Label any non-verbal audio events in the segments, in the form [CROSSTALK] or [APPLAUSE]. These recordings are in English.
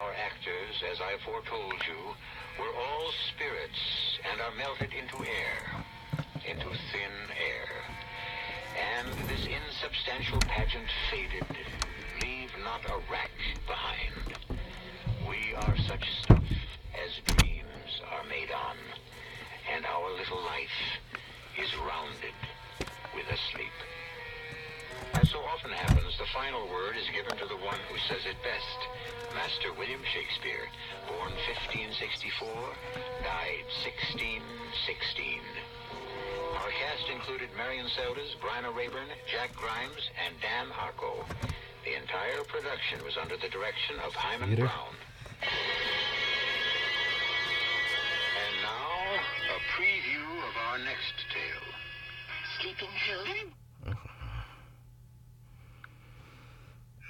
Our actors, as I foretold you, were all spirits and are melted into air, into thin air. And this insubstantial pageant faded. Leave not a rack behind. We are such stuff as dreams are made on, and our little life is rounded with a sleep. As so often happens, the final word is given to the one who says it best. Master William Shakespeare, born 1564, died 1616. Our cast included Marion Seldes, Bryna Rayburn, Jack Grimes, and Dan Harko. The entire production was under the direction of Hyman Theater. Brown. And now, a preview of our next tale.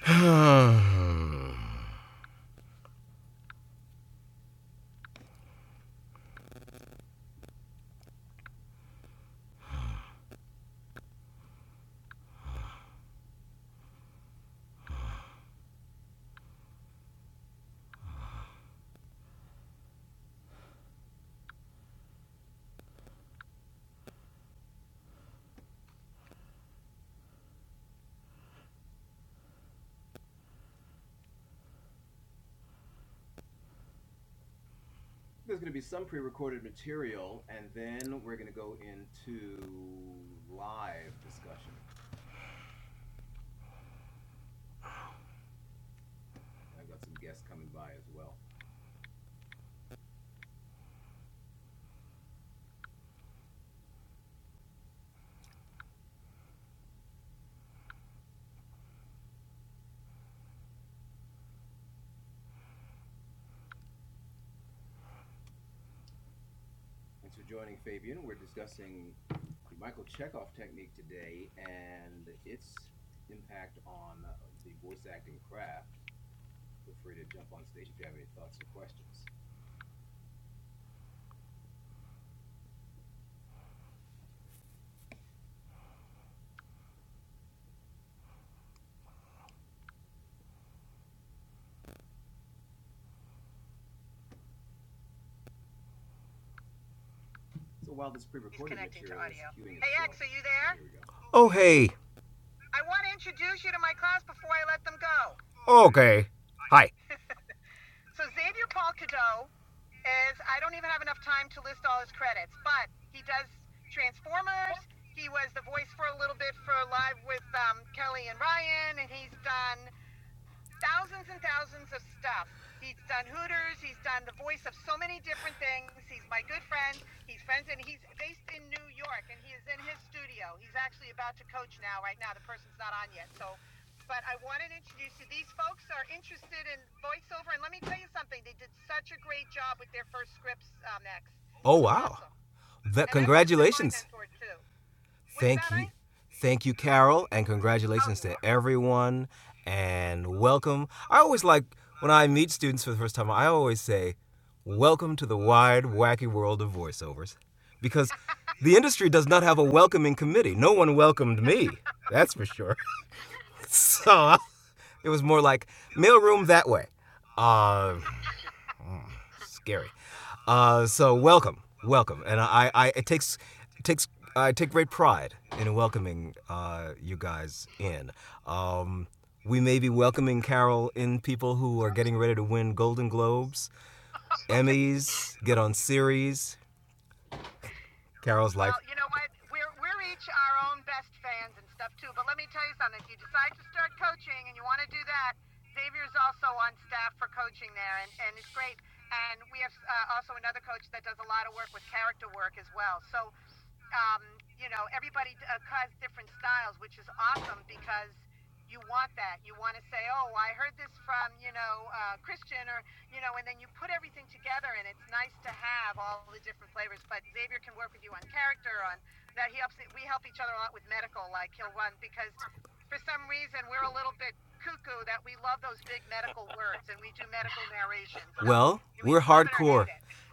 [SIGHS] Are you there? Oh, hey. I want to introduce you to my class before I let them go. Okay. Hi. So Xavier Paul Cadeau is, I don't even have enough time to list all his credits, but he does Transformers. He was the voice for a little bit for Live with um, Kelly and Ryan, and he's done thousands and thousands of stuff. He's done Hooters. He's done the voice of so many different things. He's my good friend. He's friends, and he's based in New York, and he is in his studio. He's actually about to coach now, right now. The person's not on yet, so. But I wanted to introduce you. These folks are interested in voiceover, and let me tell you something. They did such a great job with their first scripts, uh, Max. Oh wow! Awesome. That congratulations. too. Thank you. Right? Thank you, Carol, and congratulations to everyone and welcome. I always like when I meet students for the first time, I always say, Welcome to the wide, wacky world of voiceovers. Because [LAUGHS] the industry does not have a welcoming committee. No one welcomed me, that's for sure. [LAUGHS] so it was more like mailroom that way. Uh, Scary. Uh, so welcome, welcome, and I, I it takes it takes I take great pride in welcoming uh, you guys in. Um, we may be welcoming Carol in people who are getting ready to win Golden Globes, Emmys, get on series, Carol's life. Well, you know what? We're we're each our own best fans and stuff too. But let me tell you something. If you decide to start coaching and you want to do that, Xavier's also on staff for coaching there, and and it's great. And we have uh, also another coach that does a lot of work with character work as well. So um, you know, everybody uh, has different styles, which is awesome because you want that. You want to say, oh, I heard this from, you know, uh, Christian or, you know, and then you put everything together and it's nice to have all the different flavors. But Xavier can work with you on character, on that. He helps, we help each other a lot with medical. Like he'll run because for some reason we're a little bit cuckoo that we love those big medical [LAUGHS] words and we do medical narration. So Well, we're hardcore.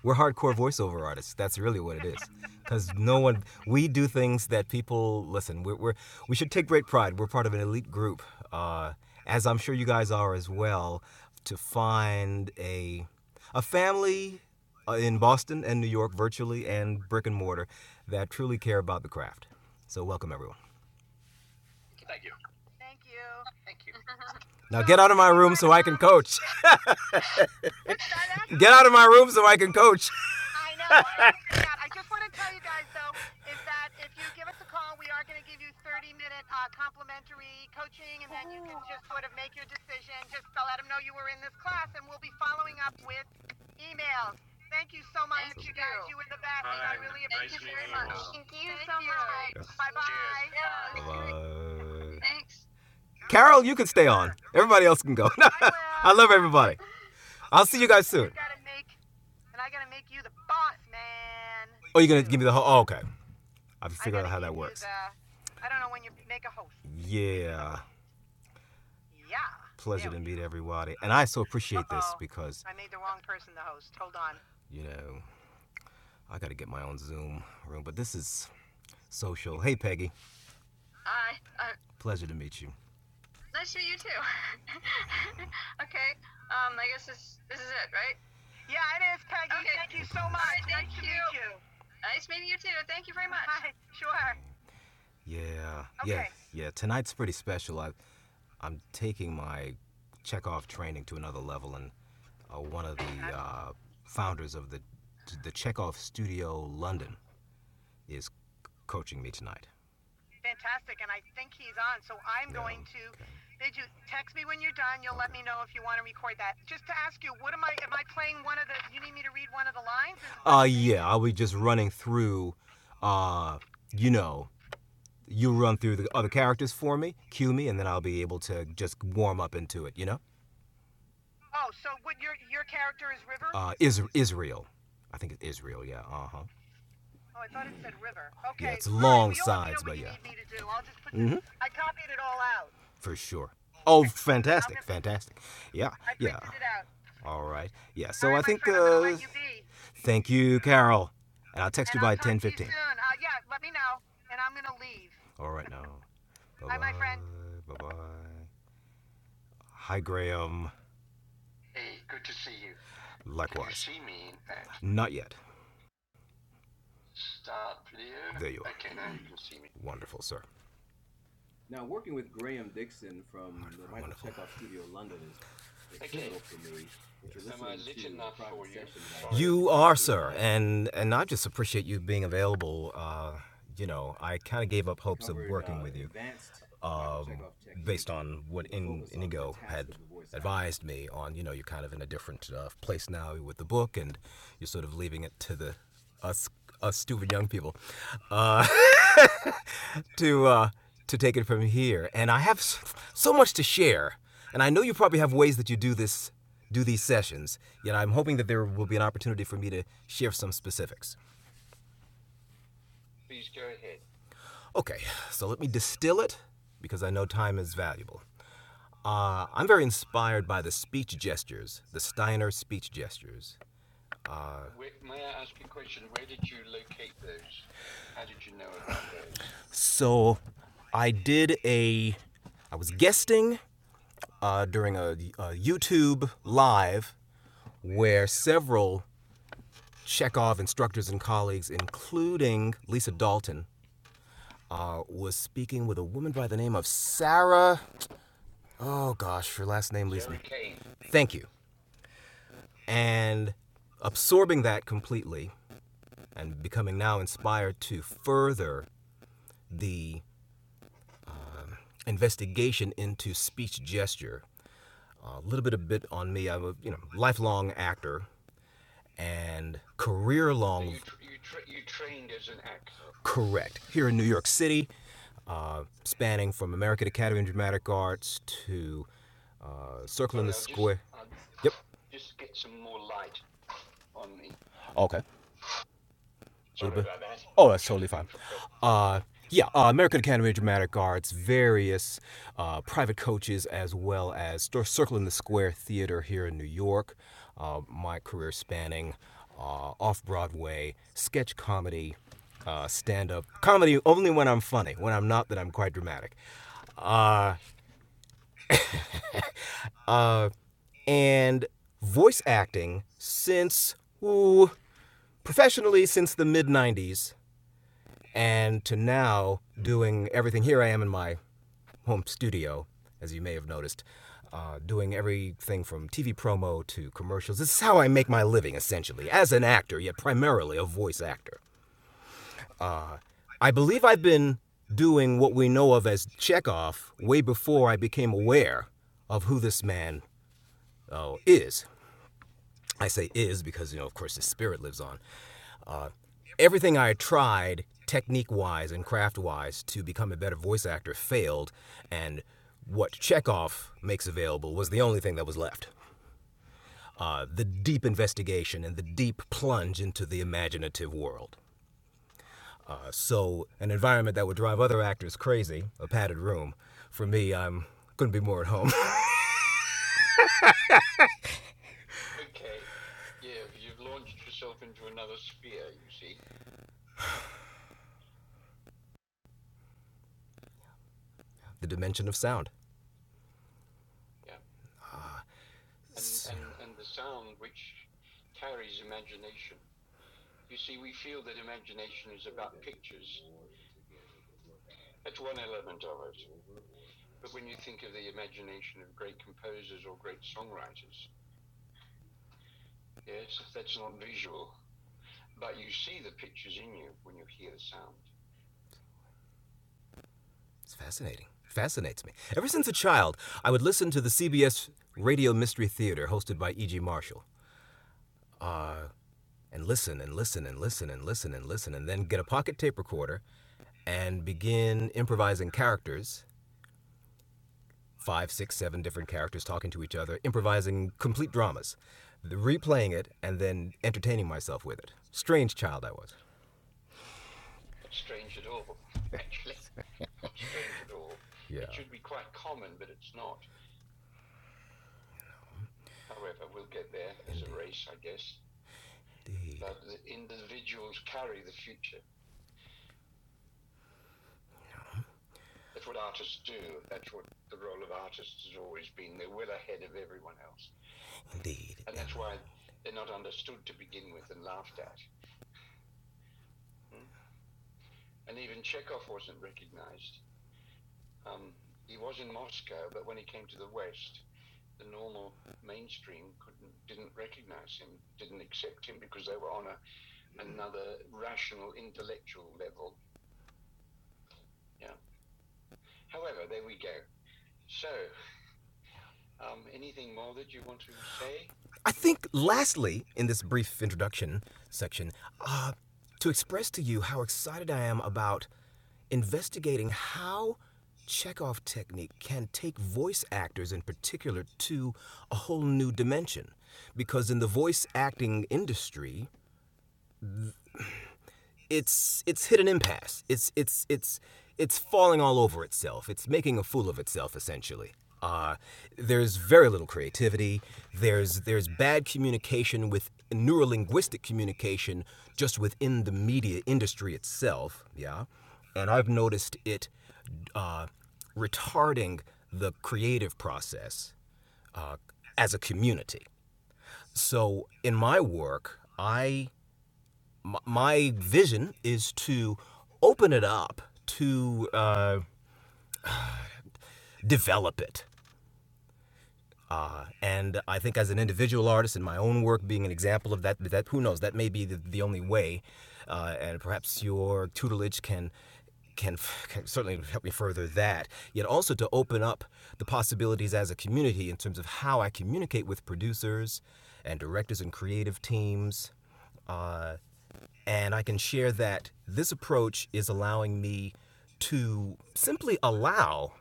We're hardcore voiceover artists. That's really what it is because no one we do things that people listen we're, we're we should take great pride we're part of an elite group uh, as i'm sure you guys are as well to find a a family uh, in boston and new york virtually and brick and mortar that truly care about the craft so welcome everyone Thank you. Thank you. Thank you. now get out of my room so i can coach Get out of my room so I can coach. [LAUGHS] I know. I know. I just want to tell you guys though is that if you give us a call, we are going to give you 30 minute uh, complimentary coaching, and then you can just sort of make your decision. Just to let them know you were in this class, and we'll be following up with emails. Thank you so much, Thank you guys. you. You were the best. I really Nice appreciate meeting it very much. Thank you so much. Bye bye. Yeah. Uh, Thanks. Carol, you can stay on. Everybody else can go. [LAUGHS] I love everybody. I'll see you guys soon. I gotta make, and I gotta make you the boss, man. Oh, you're gonna give me the whole. Oh, okay. I'll I have to figure out how that works. the- I don't know when you make a host. Yeah. Yeah. Pleasure to meet everybody. And I so appreciate this Uh-oh. this because, I made the wrong person the host. Hold on. you know, I gotta get my own Zoom room, but this is social. Hey, Peggy. Hi. I Pleasure to meet you. Nice to meet you too. [LAUGHS] okay. Um, I guess this this is it, right? Yeah, it is, Peggy. Okay. Thank you so much. right, thank nice to you. to meet you. Nice meeting you too. Thank you very much. Hi. Sure. Yeah, yeah, Okay. yeah. Yeah. Tonight's pretty special. I, I'm taking my Chekhov training to another level, and uh, one of the uh, founders of the the Chekhov Studio London is coaching me tonight fantastic, and I think he's on. So I'm no, going to. Okay. Did you text me when you're done? You'll let me know if you want to record that. Just to ask you, what am I? Am I playing one of the? You need me to read one of the lines? Is- Uh, yeah, I was just running through, uh, you know, you run through the other characters for me, cue me, and then I'll be able to just warm up into it, you know? Oh, so what? Your your character is River. Uh, Is- Israel. I think it's Israel, yeah, uh huh. Oh, I thought it said river. Okay. Yeah, it's right, long well, sides, but yeah. need me i copied it all out. for sure. [LAUGHS] Oh, fantastic, fantastic. Yeah, yeah. All right. Yeah. So right, I think. Uh, thank you, Carol. And I'll text you by ten fifteen. Uh, yeah, let me know, and I'm gonna leave. All right now. [LAUGHS] Bye, my friend. Bye bye. Hi, Graham. Hey, good to see you. Likewise. Can you Likewise. see me? Uh, Not yet. Stop, yeah. There you are. Okay, now you can see me. Wonderful, sir. You are, sir, and and I just appreciate you being available. Uh, you know, I kind of gave up hopes of working with you, um, based on what In- Inigo had advised me on. You know, you're kind of in a different uh, place now with the book, and you're sort of leaving it to the us us stupid young people uh, [LAUGHS] to uh, to take it from here. And I have so much to share and I know you probably have ways that you do this, do these sessions. Yet I'm hoping that there will be an opportunity for me to share some specifics. Please go ahead. Okay, so let me distill it because I know time is valuable. Uh, I'm very inspired by the speech gestures, the Steiner speech gestures. Uh, Where, may I ask a question? Where did you locate those? How did you know about those? So I did a, I was guesting uh, during a, a YouTube live where several Chekhov instructors and colleagues, including Lisa Dalton, uh, was speaking with a woman by the name of Sarah. Oh gosh, her last name leaves me. Thank you. And absorbing that completely and becoming now inspired to further the investigation into speech gesture. A uh, little bit of bit on me. I'm a you know lifelong actor, and career long. You, tr- you, tra- you trained as an actor. Correct. Here in New York City, uh, spanning from American Academy of Dramatic Arts to uh, Circle in the i just- Square. Yep. Just get some more light on me. Okay. Sorry a little bit. that. Oh, that's totally fine. Uh, yeah, uh, American Academy of Dramatic Arts, various uh, private coaches, as well as Circle in the Square Theater here in New York. Uh, my career spanning uh, off Broadway, sketch comedy, uh, stand up comedy only when I'm funny. When I'm not, then I'm quite dramatic. Uh, uh, and voice acting since, ooh, professionally since the mid 90s and to now doing everything. Here I am in my home studio, as you may have noticed, uh, doing everything from TV promo to commercials. This is how I make my living, essentially, as an actor, yet primarily a voice actor. I believe I've been doing what we know of as Chekhov way before I became aware of who this man uh, is. I say is because, you know, of course, his spirit lives on. everything I tried technique wise and craft wise to become a better voice actor failed, and what Chekhov makes available was the only thing that was left. Uh, the deep investigation and the deep plunge into the imaginative world. Uh, so, an environment that would drive other actors crazy, a padded room, for me, i couldn't be more at home. [LAUGHS] the dimension of sound. It's fascinating. Fascinates me. Ever since a child, I would listen to the CBS Radio Mystery Theater hosted by E.G. Marshall. and listen and listen and listen and listen and listen and then get a pocket tape recorder and begin improvising characters five six seven different characters talking to each other improvising complete dramas replaying it and then entertaining myself with it strange child i was It yeah It indeed But indeed I think, lastly, in this brief introduction section, uh, to express to you how excited I am about investigating how Chekhov technique can take voice actors in particular to a whole new dimension. Because in the voice acting industry, it's it's hit an impasse. It's it's it's it's falling all over itself. It's making a fool of itself essentially. Uh, there's very little creativity. There's there's bad communication with neurolinguistic communication just within the media industry itself. Yeah, and I've noticed it uh, retarding the creative process uh, as a community. So in my work, I my vision is to open it up to uh, develop it. Uh, and I think as an individual artist in my own work being an example of that, that who knows, that may be the, the only way. Uh, and perhaps your tutelage can can, can certainly help me further that, yet also to open up the possibilities as a community in terms of how I communicate with producers and directors and creative teams. Uh, And I can share that this approach is allowing me to simply allow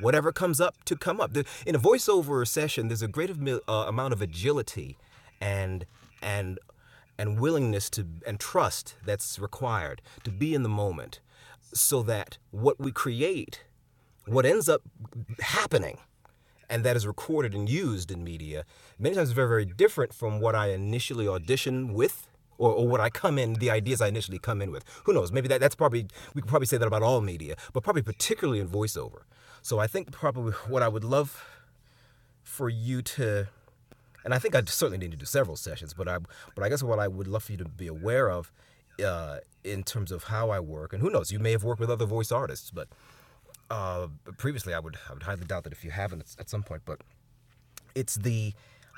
whatever comes up to come up. In a voiceover session, there's a great uh, amount of agility and and and willingness to and trust that's required to be in the moment so that what we create what ends up happening and that is recorded and used in media many times it's very very different from what i initially audition with or, or what i come in the ideas i initially come in with who knows maybe that, that's probably we could probably say that about all media but probably particularly in voiceover so i think probably what i would love for you to and i think i certainly need to do several sessions but i but i guess what i would love for you to be aware of uh, in terms of how I work, and who knows, you may have worked with other voice artists, but uh, previously I would I would highly doubt that if you haven't at some point. But it's the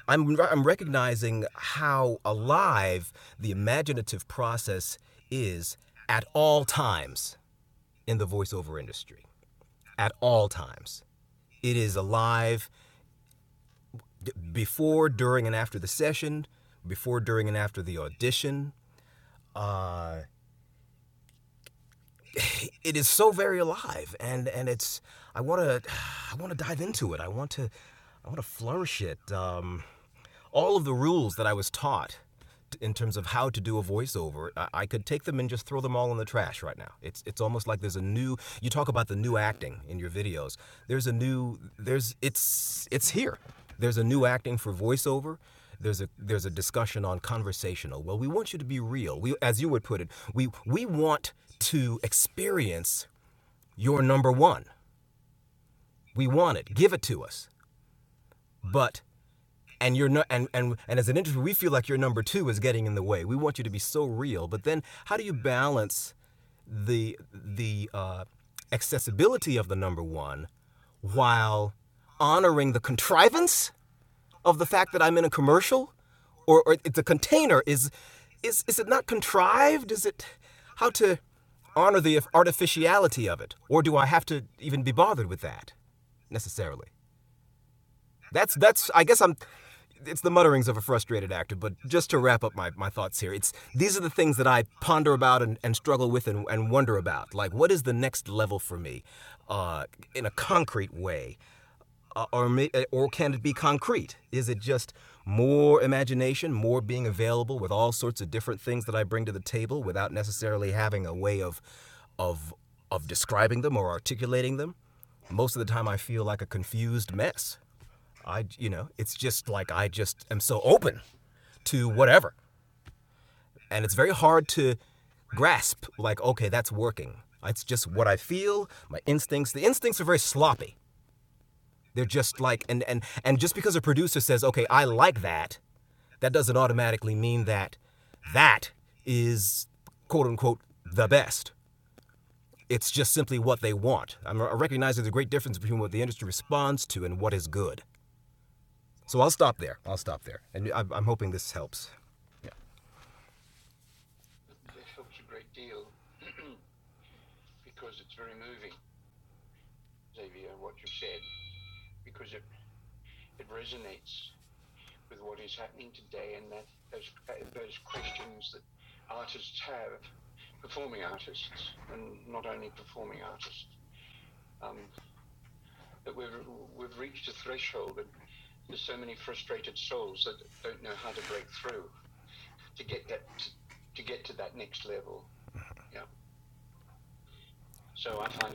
I'm I'm recognizing how alive the imaginative process is at all times in the voiceover industry. At all times, it is alive d- before, during, and after the session, before, during, and after the audition. Uh, it is so very alive, and and it's I want to [SIGHS] I want to dive into it. I want to I want to flourish it. Um, all of the rules that I was taught in terms of how to do a voiceover, I could take them and just throw them all in the trash right now. It's it's almost like there's a new. You talk about the new acting in your videos. There's a new. There's it's it's here. There's a new acting for voiceover. There's a there's a discussion on conversational. Well, we want you to be real. We, as you would put it, we we want to experience your number one. We want it. Give it to us. But and you're not and, and and as an industry we feel like your number two is getting in the way we want you to be so real but then how do you balance the the uh, accessibility of the number one while honoring the contrivance of the fact that i'm in a commercial or, or the container is is is it not contrived is it how to honor the artificiality of it or do i have to even be bothered with that necessarily that's that's. I guess I'm. It's the mutterings of a frustrated actor. But just to wrap up my, my thoughts here, it's these are the things that I ponder about and, and struggle with and, and wonder about. Like, what is the next level for me, uh, in a concrete way, uh, or may, uh, or can it be concrete? Is it just more imagination, more being available with all sorts of different things that I bring to the table without necessarily having a way of, of of describing them or articulating them? Most of the time, I feel like a confused mess. I, you know, it's just like I just am so open to whatever. And it's very hard to grasp, like, okay, that's working. It's just what I feel, my instincts. The instincts are very sloppy. They're just like, and, and, and just because a producer says, okay, I like that, that doesn't automatically mean that that is quote unquote the best. It's just simply what they want. I'm recognizing there's a great difference between what the industry responds to and what is good. So I'll stop there. I'll stop there. And I'm hoping this helps. threshold, and there's so many frustrated souls that don't know how to break through to get that to get to that next level. Yeah. So I find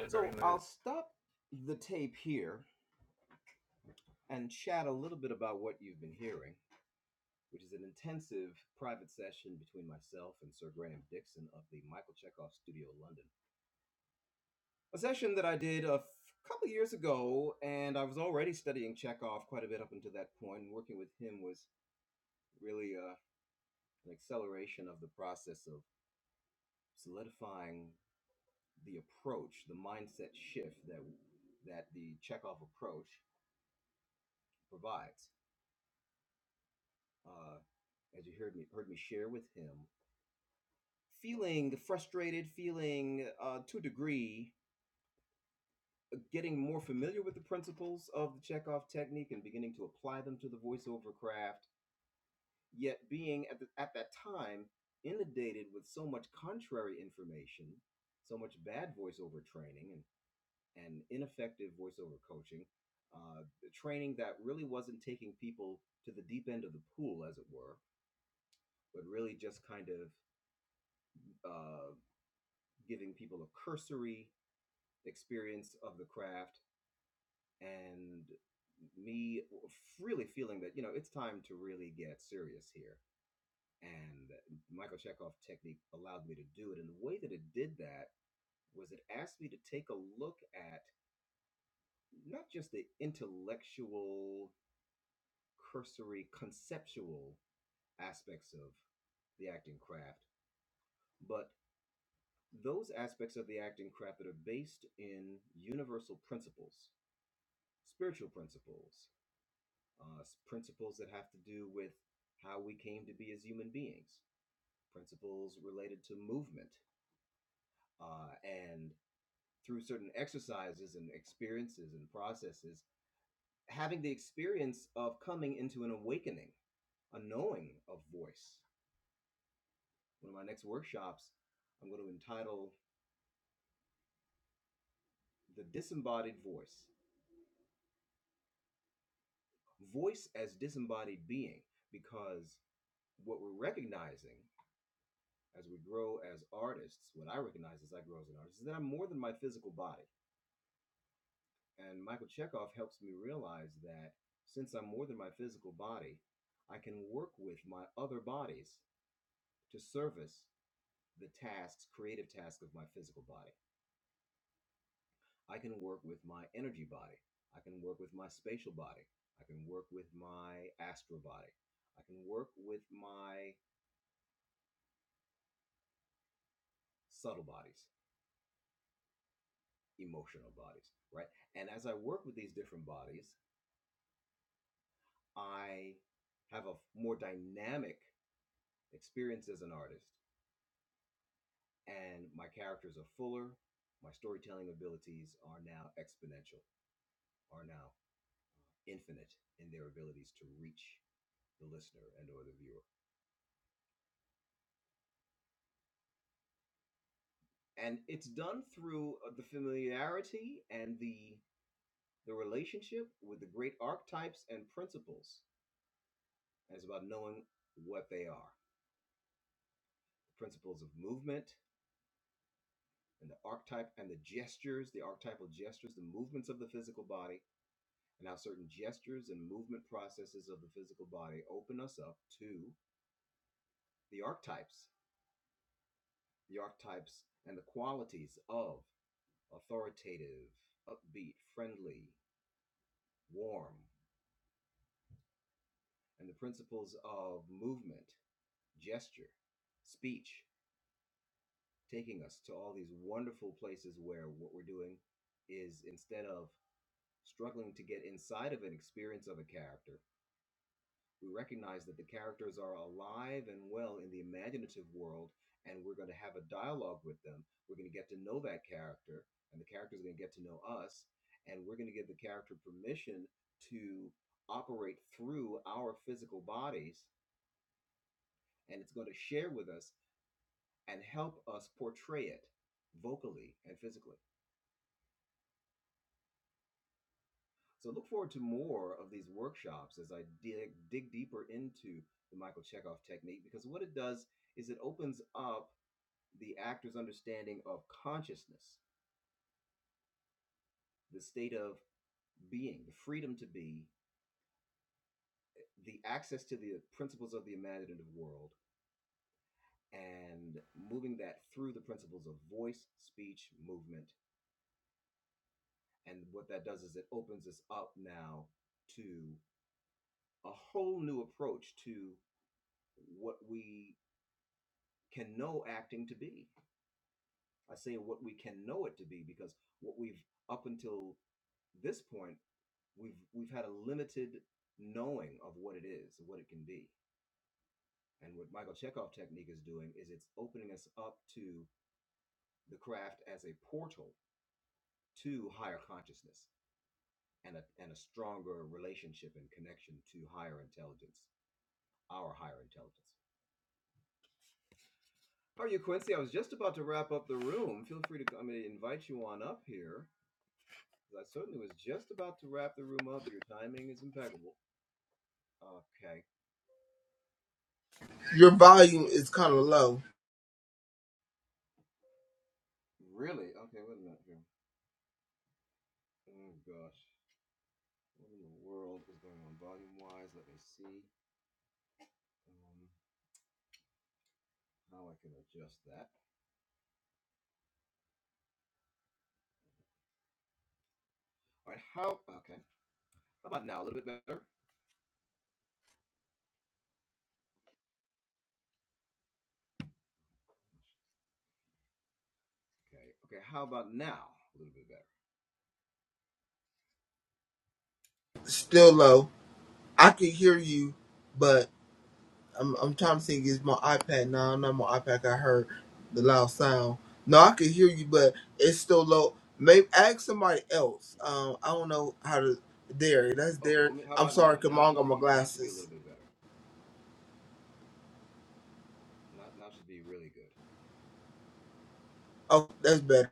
Your volume is kind of low, still low. I can hear you, but I'm I'm trying to think. Is my iPad now? Not my iPad. I heard the loud sound. No, I can hear you, but it's still low. Maybe ask somebody else. Um, I don't know how to. There, that's there. I'm sorry, cause I don't got my glasses. Oh, that's better.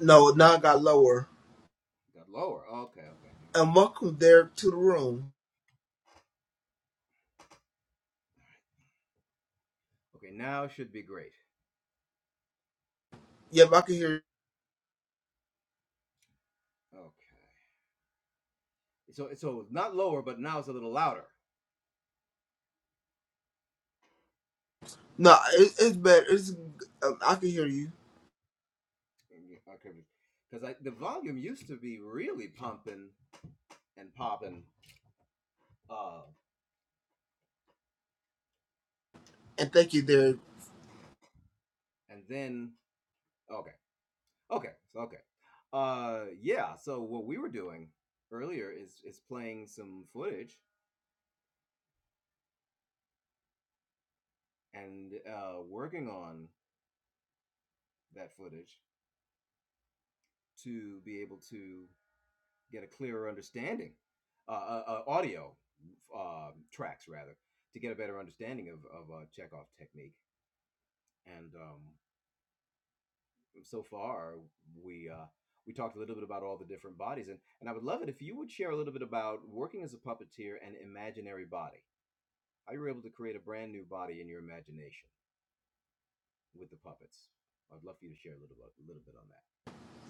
No, now I got lower. And welcome there to the room. Yep, I can hear. No, it, it's better. It's um, I can hear you. And thank you, there.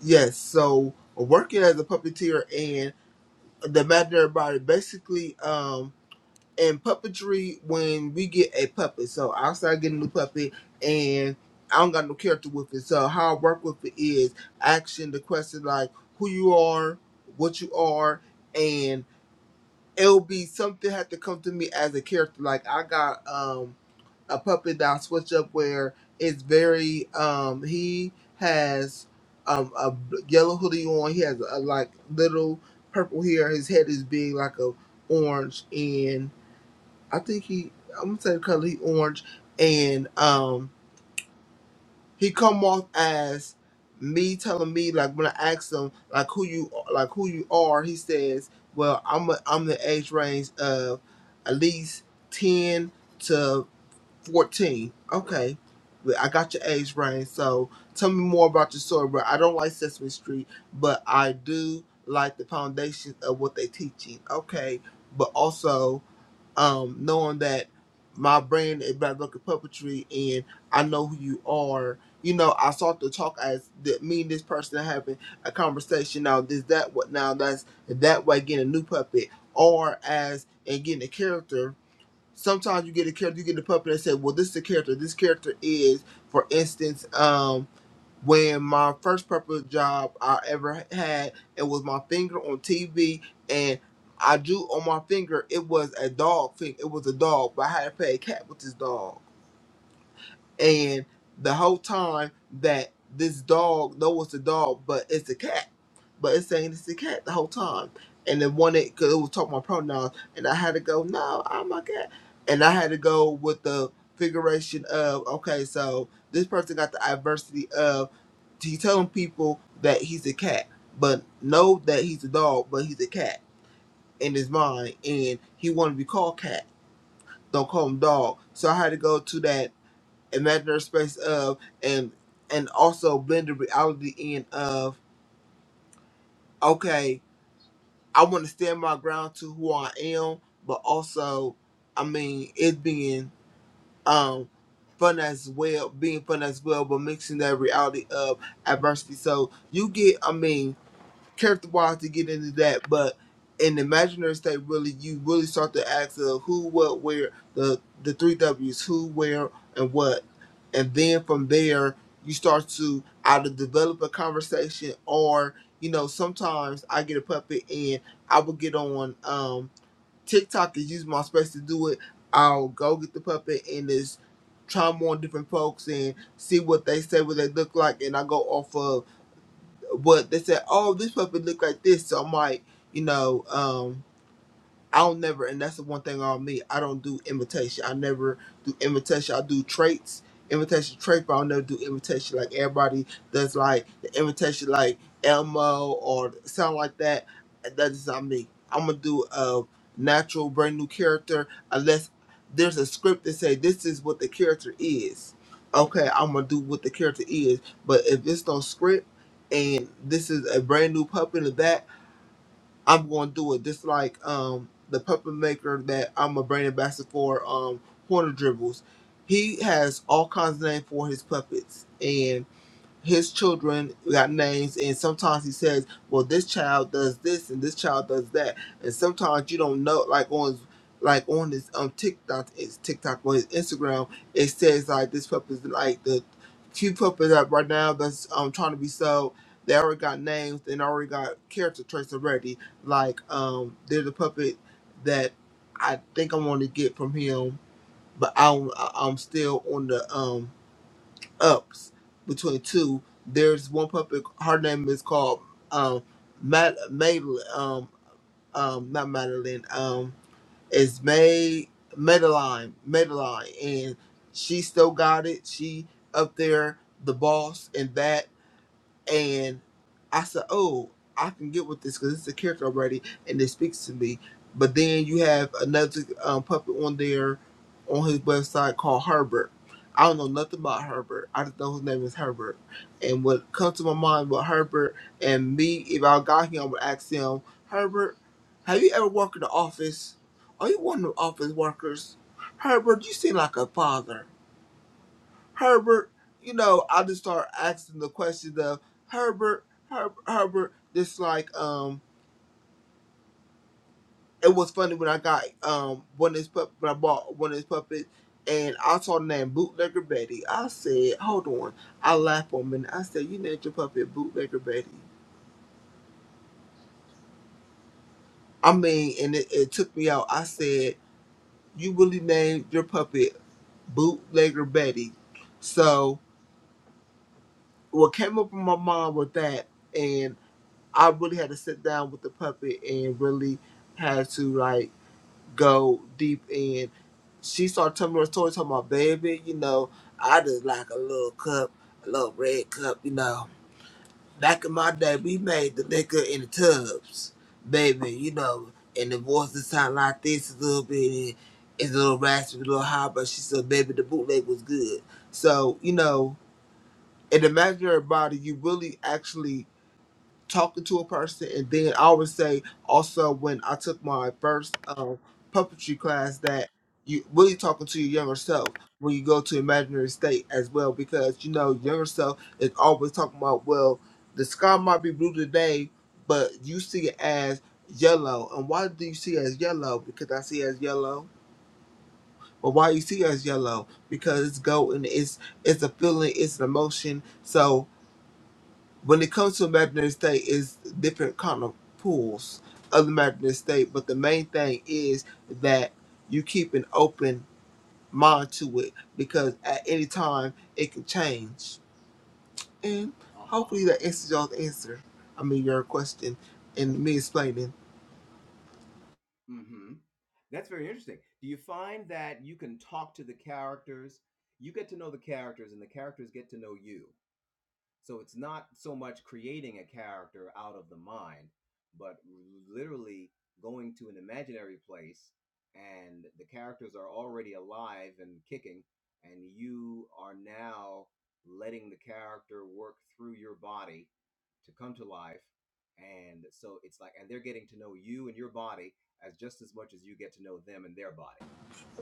Yes, so working as a puppeteer and the imaginary body basically um in puppetry when we get a puppet. So I start getting the puppet and I don't got no character with it. So how I work with it is action the question like who you are, what you are, and it'll be something had to come to me as a character. Like I got um a puppet down switch up where it's very um he has um a b- yellow hoodie on he has a like little purple hair his head is big like a orange and i think he i'm gonna say the color he orange and um he come off as me telling me like when i ask him like who you like who you are he says well i'm a, i'm the age range of at least 10 to." 14. Okay. Well, I got your age range. So tell me more about your story, bro. I don't like Sesame Street, but I do like the foundations of what they're teaching. Okay. But also, um, knowing that my brand is Black Bucket Puppetry and I know who you are, you know, I start to talk as the, me and this person are having a conversation. Now, this, that, what, now, that's that way getting a new puppet or as and getting a character sometimes you get a character, you get a puppet and say, well, this is the character. This character is, for instance, um, when my first puppet job I ever had, it was my finger on TV, and I drew on my finger. It was a dog thing. It was a dog, but I had to play a cat with this dog and the whole time that this dog know it's a dog, but it's a cat, but it's saying it's a cat the whole time. And then one it because it was talking about pronouns, and I had to go, no, I'm a cat, and I had to go with the figuration of okay, so this person got the adversity of he telling people that he's a cat, but know that he's a dog, but he's a cat in his mind, and he want to be called cat. Don't call him dog. So I had to go to that imaginary space of and and also blend the reality in of okay, I want to stand my ground to who I am, but also, I mean, it being um fun as well, being fun as well, but mixing that reality of adversity. So you get, I mean, character wise to get into that, but in the imaginary state, really, you really start to ask of who, what, where, the the three W's, who, where, and what, and then from there, you start to either develop a conversation or you know sometimes I get a puppet and I will get on um TikTok and use my space to do it. I'll go get the puppet and just try more different folks and see what they say, what they look like, and I go off of but they said, oh, this puppy look like this. So I'm like, you know, um, I'll never, and that's the one thing on me. I don't do imitation. I never do imitation. I do traits, imitation traits, but I'll never do imitation like everybody does. Like the imitation, like Elmo or sound like that. That is not me. I'm gonna do a natural, brand new character unless there's a script that say this is what the character is. Okay, I'm gonna do what the character is. But if it's no script and this is a brand new puppet of that. I'm going to do it. Just like um, the puppet maker that I'm a brand ambassador for, um, Horner Dribbles. He has all kinds of names for his puppets, and his children got names and sometimes he says well this child does this and this child does that and sometimes you don't know like on like on his um tiktok it's tiktok or his instagram it says like this pup like the few puppies that right now that's um trying to be sold they already got names and already got character traits already like um there's a puppet that i think i want to get from him but i'm i'm still on the um ups between two. There's one puppet. Her name is called um, Mad Madeline. Um, um, not Madeline. Um, it's May Madeline. Madeline, and she still got it. She up there, the boss, and that and I said, "Oh, I can get with this because it's a character already, and it speaks to me." But then you have another um, puppet on there, on his website called Herbert. I don't know nothing about Herbert. I just know his name is Herbert. And what comes to my mind with Herbert and me, if I got him, I would ask him, Herbert, have you ever worked in the office? Are you one of the office workers? Herbert, you seem like a father. Herbert, you know, I just start asking the question of Herbert, Herb, Herbert. Just like um, it was funny when I got um one of his pup when I bought one of his puppets, and I saw the name Bootlegger Betty. I said, hold on. I laughed for a minute. I said, you named your puppet Bootlegger Betty. I mean, and it, it took me out. I said, you really named your puppet Bootlegger Betty. So what came up in my mind with that, and. I really had to sit down with the puppet and really had to like go deep in. She started telling me her story, talking about baby, you know, I just like a little cup, a little red cup, you know. Back in my day, we made the liquor in the tubs, baby, you know, and the voices sound like this a little bit, and it's a little raspy, a little high, but she said, baby, the bootleg was good. So, you know, in the imaginary body, you really actually talking to a person and then i would say also when i took my first um, puppetry class that you really talking to your younger self when you go to imaginary state as well because you know younger self is always talking about well the sky might be blue today but you see it as yellow and why do you see it as yellow because i see it as yellow but why you see it as yellow because it's golden it's it's a feeling it's an emotion so when it comes to imaginary state it's different kind of pools of the imaginary state but the main thing is that you keep an open mind to it because at any time it can change and hopefully that answers y'all's answer i mean your question and me explaining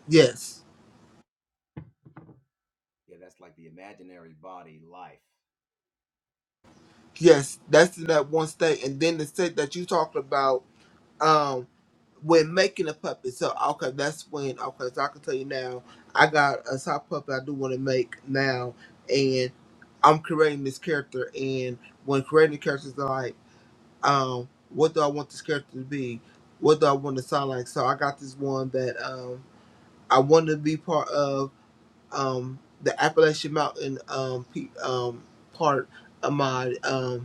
yes yes that's in that one state and then the state that you talked about um, when making a puppet. So okay, that's when okay. So I can tell you now, I got a sock puppet I do want to make now, and I'm creating this character. And when creating the characters, like, um, what do I want this character to be? What do I want to sound like? So I got this one that um I want to be part of um the Appalachian Mountain um pe- um part of my um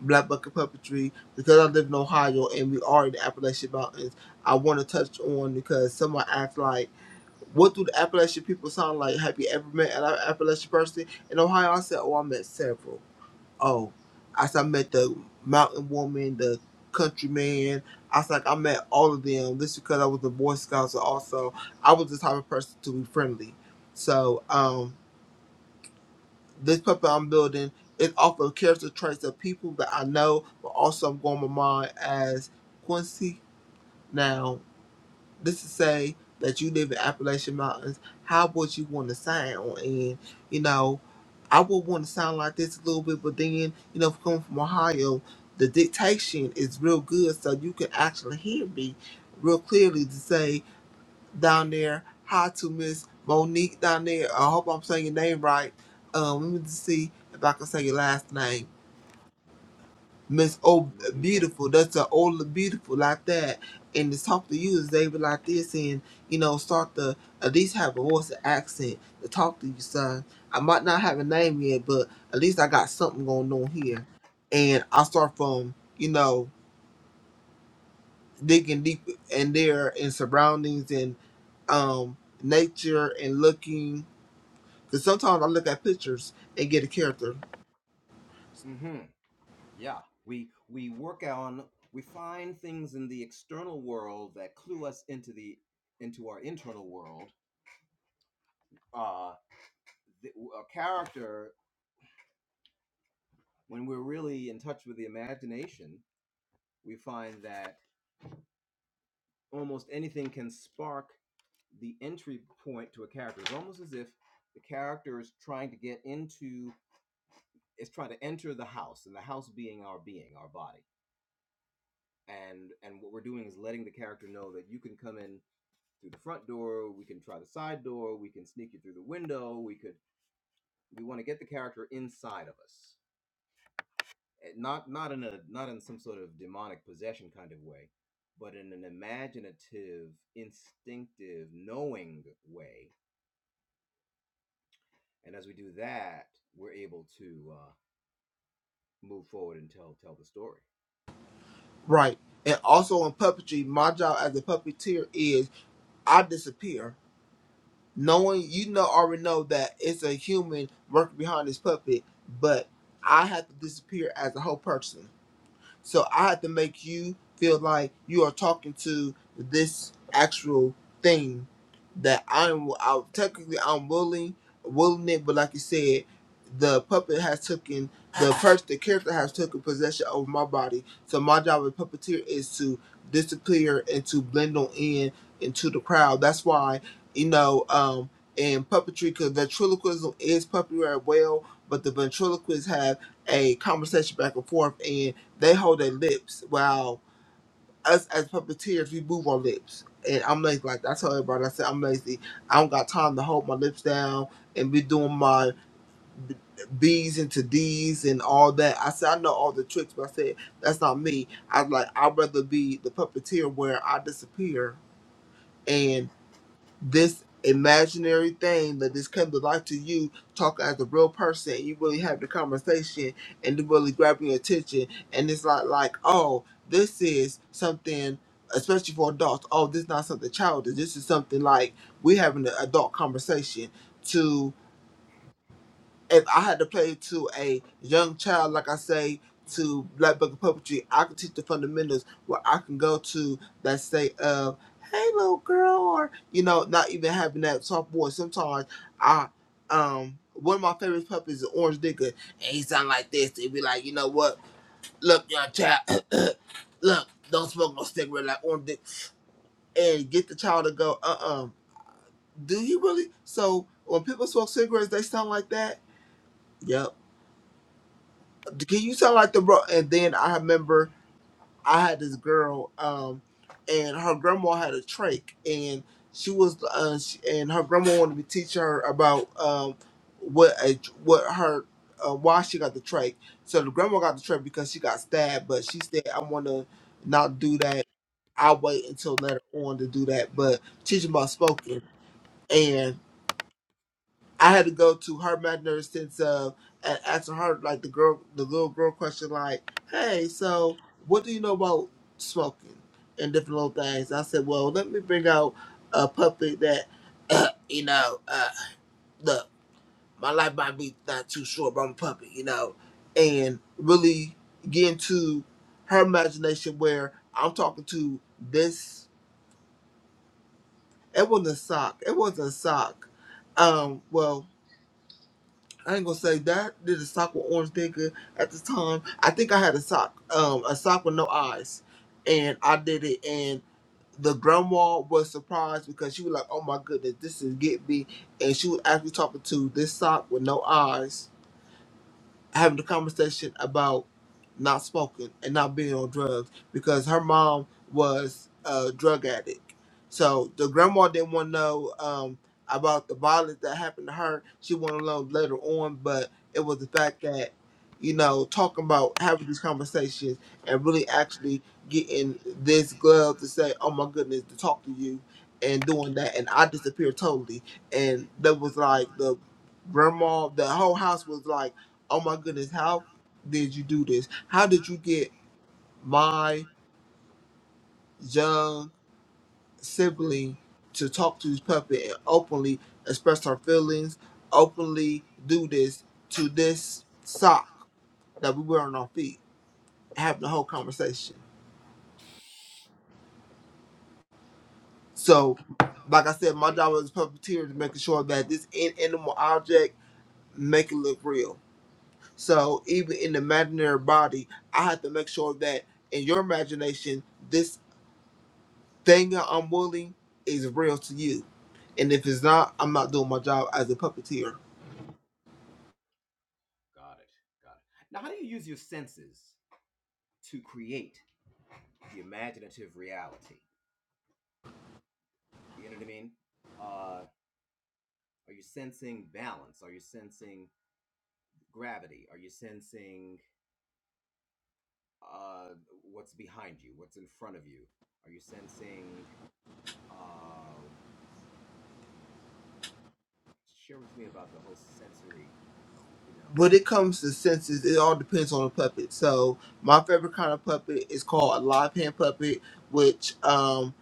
Black Bucket Puppetry because I live in Ohio and we are in the Appalachian Mountains. I want to touch on because someone asked like, "What do the Appalachian people sound like?" Have you ever met an Appalachian person in Ohio? I said, "Oh, I met several. Oh, I said I met the mountain woman, the country man. I said like, I met all of them. This is because I was a Boy Scout, so also I was the type of person to be friendly. So, um." this puppet I'm building is off of character traits of people that I know, but also I'm going my mind as Quincy. Now, this is say that you live in Appalachian Mountains. How would you want to sound? And you know, I would want to sound like this a little bit, but then you know, coming from Ohio, the dictation is real good, so you can actually hear me real clearly to say down there. Hi to Miss Monique down there. I hope I'm saying your name right. Um, let me just see if I can say your last name. Miss O Beautiful. That's the old beautiful like that. And to talk to you is they be like this and, you know, start to at least have a voice and accent to talk to you, son. I might not have a name yet, but at least I got something going on here. And I start from, you know, digging deep in there and surroundings and um nature and looking Because sometimes I look at pictures and get a character right. And also in puppetry, my job as a puppeteer is I disappear, knowing you know already know that it's a human working behind this puppet, but I have to disappear as a whole person. So I have to make you feel like you are talking to this actual thing that I'm. I, technically, I'm willing, willing it, but like you said, the puppet has taken the person, the character has taken possession over my body. So my job as puppeteer is to disappear and to blend on in into the crowd. That's why you know. um and puppetry, because ventriloquism is puppetry as well, but the ventriloquists have a conversation back and forth, and. They hold their lips while us as puppeteers we move our lips. And I'm lazy like I tell everybody I said I'm lazy. I don't got time to hold my lips down and be doing my b- B's into D's and all that. I said I know all the tricks, but I said that's not me. I was like I'd rather be the puppeteer where I disappear this imaginary thing that just came to life to you talk as a real person and you really have the conversation and it really grabbing your attention and it's not like oh this is something especially for adults oh this is not something childish this is something like we're having an adult conversation to if I had to play to a young child, like I say to Black Book of Puppetry, I could teach the fundamentals where I can go to that state of, hey, little girl, or, you know, not even having that soft voice. Sometimes I, um, one of my favorite puppets is Orange Digger, and he sound like this. He'd be like, you know what? Look, young child, [CLEARS THROAT] look, don't smoke no cigarette like Orange Digger. And get the child to go, uh-uh, do you really? So when people smoke cigarettes, they sound like that? Yep can you sound like the bro? And then I remember I had this girl, um, and her grandma had a trach, and she was, uh, she, and her grandma wanted me to teach her about um, what a, what her uh, why she got the trach. So the grandma got the trach because she got stabbed, but she said, "I want to not do that. I'll wait until later on to do that." But teaching about spoken, and. I had to go to her imaginary sense of and answer her like the girl, the little girl question, like, "Hey, so what do you know about smoking and different little things?" I said, "Well, let me bring out a puppy that, [CLEARS THROAT] you know, uh, look, my life might be not too short, but I'm a puppy you know, and really get into her imagination where I'm talking to this. It wasn't a sock. It wasn't a sock. Um, well." I ain't gonna say that. Did a sock with orange digger at the time. I think I had a sock, um, a sock with no eyes, and I did it. And the grandma was surprised because she was like, "Oh my goodness, this is get me," and she was actually talking to this sock with no eyes having a conversation about not smoking and not being on drugs because her mom was a drug addict. So the grandma didn't want to know um, about the violence that happened to her. She wanted to know later on, but it was the fact that, you know, talking about having these conversations and really actually getting this glove to say, oh my goodness, to talk to you and doing that. And I disappeared totally. And that was like the grandma, the whole house was like, oh my goodness, how did you do this? How did you get my young sibling to talk to this puppet and openly express her feelings, openly do this to this sock that we wear on our feet, having the whole conversation. So, like I said, my job as a puppeteer is making sure that this in- animal object make it look real. So even in the imaginary body, I have to make sure that in your imagination, this Thing I'm willing is real to you. And if it's not, I'm not doing my job as a puppeteer. When it comes to senses, it all depends on the puppet. So my favorite kind of puppet is called a live hand puppet, which um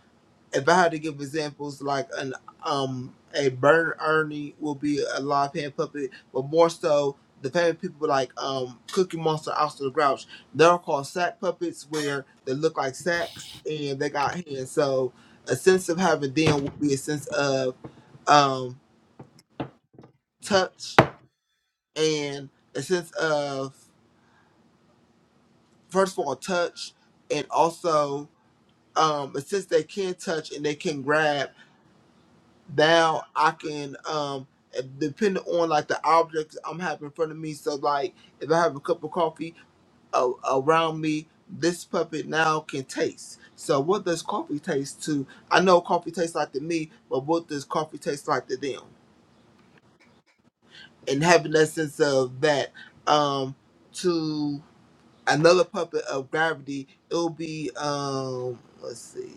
if I had to give examples, like an um a burn Ernie will be a live hand puppet, but more so the famous people like um Cookie Monster, Oscar the Grouch, they're called sack puppets where they look like sacks and they got hands. So a sense of having them would be a sense of um touch and a sense of first of all touch and also um a sense they can touch and they can grab now I can um depending on like the objects I'm having in front of me. So like if I have a cup of coffee uh, around me, this puppet now can taste. So what does coffee taste to? I know coffee tastes like to me, but what does coffee taste like to them? And having that sense of that um to another puppet of gravity, it'll be um let's see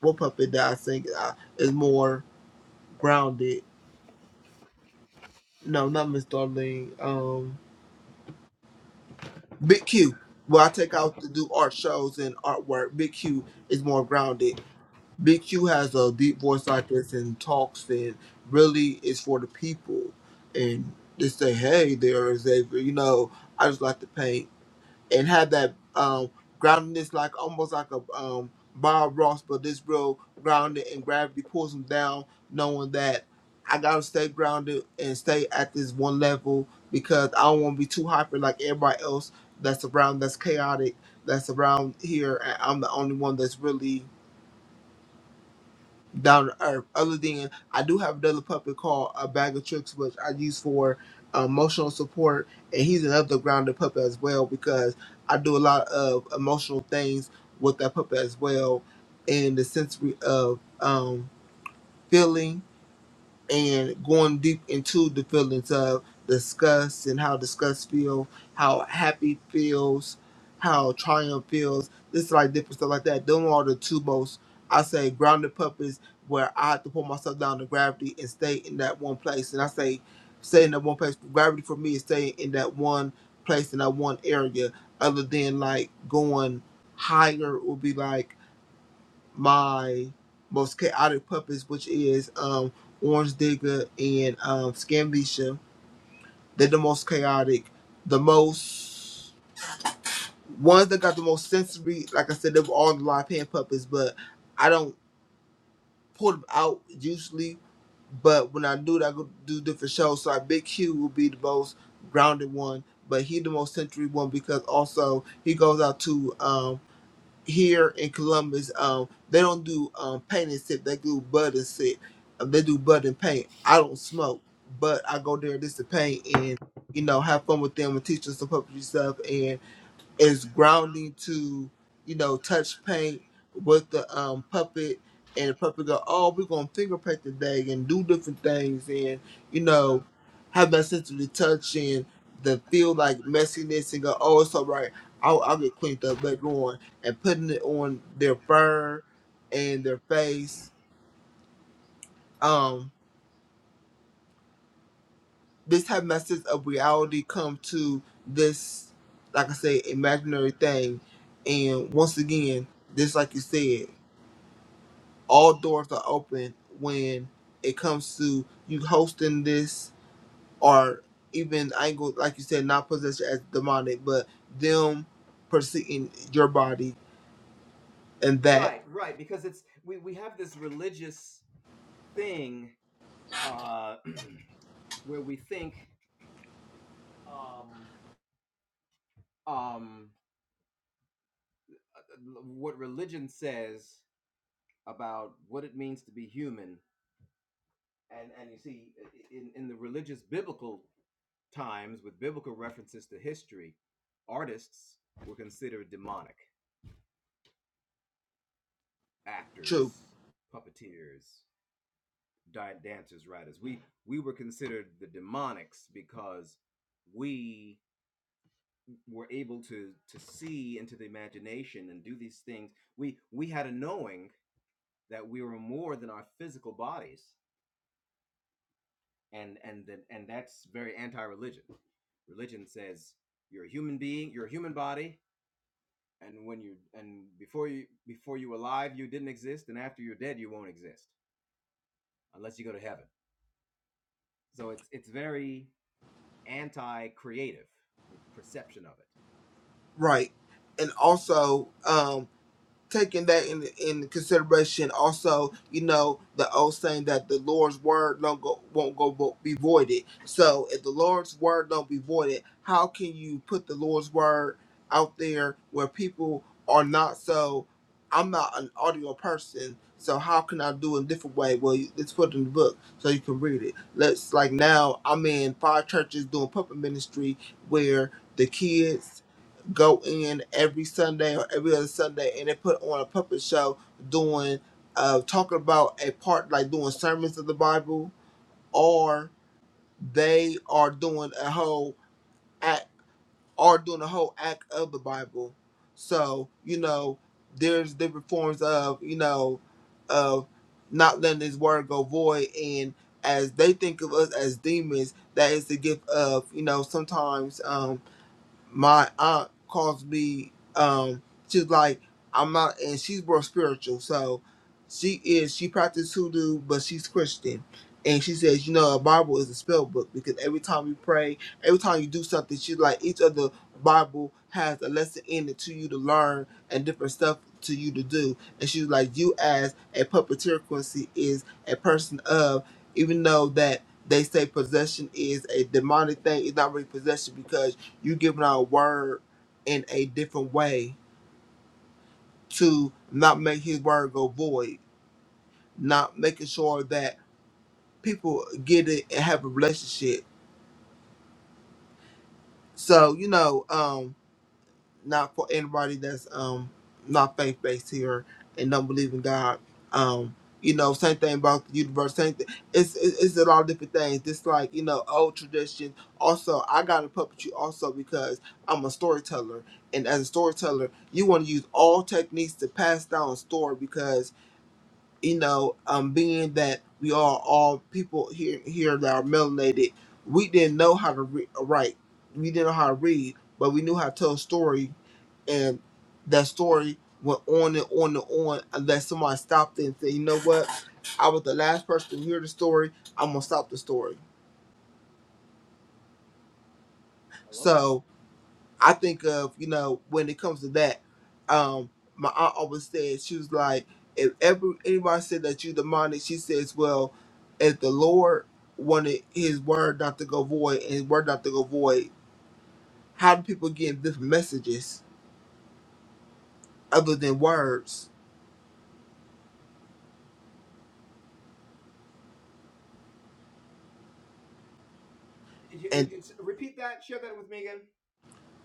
what puppet that I think uh, is more grounded No, not Miss Darlene. Um, Big Q. Well, I take out to do art shows and artwork. Big Q is more grounded. Big Q has a deep voice like this and talks and really is for the people. And they say, hey, there is a, you know, I just like to paint and have that um, groundedness, like almost like a um, Bob Ross, but this real grounded and gravity pulls him down, knowing that I gotta stay grounded and stay at this one level because I don't want to be too hyper like everybody else that's around, that's chaotic, that's around here, and I'm the only one that's really down to earth. Other than I do have another puppet called a bag of tricks, which I use for uh, emotional support, and he's another grounded puppet as well because I do a lot of emotional things with that puppet as well, in the sensory of um, feeling and going deep into the feelings of disgust and how disgust feels, how happy feels, how triumph feels. This is like different stuff like that. Them are the two most I say grounded puppets where I have to pull myself down to gravity and stay in that one place. And I say stay in that one place. Gravity for me is staying in that one place in that one area. Other than like going higher would be like my most chaotic puppets, which is um, Orange Digger and um, Scamnesha. They're the most chaotic, the most ones that got the most sensory. Like I said, they were all the live hand puppets, but I don't pull them out usually. But when I do it, I go do different shows. So like Big Q will be the most grounded one, but he the most sensory one because also he goes out to um, here in Columbus, um, they don't do um paint and sip. They do bud and sip. Um, They do bud and paint. I don't smoke, but I go there just to paint and you know have fun with them and teach them some puppetry stuff. and is grounding to, you know, touch paint with the um, puppet, and the puppet go, oh, we're gonna finger paint today and do different things, and you know, have that sense of the touch and the feel like messiness, and go, oh, it's all right. I'll, I'll get cleaned up later on, and putting it on their fur and their face. Um, this having that sense of reality come to this, like I say, imaginary thing, and once again, just like you said. all doors are open when it comes to you hosting this or even I ain't gonna like you said, not possession as demonic, but them pursuing your body and that true, right? And also, um, taking that in in consideration. Also, you know the old saying that the Lord's word don't go won't go vo- be voided. So if the Lord's word don't be voided, how can you put the Lord's word out there where people are not so? I'm not an audio person, so how can I do it in a different way? Well, you, let's put it in the book so you can read it. Let's like now I'm in five churches doing puppet ministry where the kids go in every Sunday or every other Sunday, and they put on a puppet show doing, uh, talking about a part like doing sermons of the Bible, or they are doing a whole act, are doing a whole act of the Bible. So you know, there's different forms of you know, of not letting His word go void, and as they think of us as demons, that is the gift of you know sometimes. Um, my aunt calls me um she's like i'm not and she's more spiritual so she is she practices hoodoo but she's christian and she says you know a bible is a spell book because every time you pray every time you do something she's like each other bible has a lesson in it to you to learn and different stuff to you to do and she's like you as a puppeteer quincy is a person of even though that they say possession is a demonic thing it's not really possession because you giving out a word in a different way to not make his word go void, not making sure that people get it and have a relationship. So, you know, um, not for anybody that's um not faith based here and don't believe in God. Um, you know, same thing about the universe. Same thing. It's it's it's a lot of different things. It's like you know old tradition. Also, I got a puppetry also because I'm a storyteller, and as a storyteller, you want to use all techniques to pass down a story because you know, um, being that we are all people here here that are melanated, we didn't know how to re- uh, write. We didn't know how to read, but we knew how to tell a story, and that story went on and on and on unless somebody stopped it and said, "You know what? I was the last person to hear the story. I'm gonna stop the story." So I think of, you know, when it comes to that, um, my aunt always said, she was like, if ever anybody said that you demonic, she says, well, if the Lord wanted his word not to go void and his word not to go void, how do people get different messages other than words? And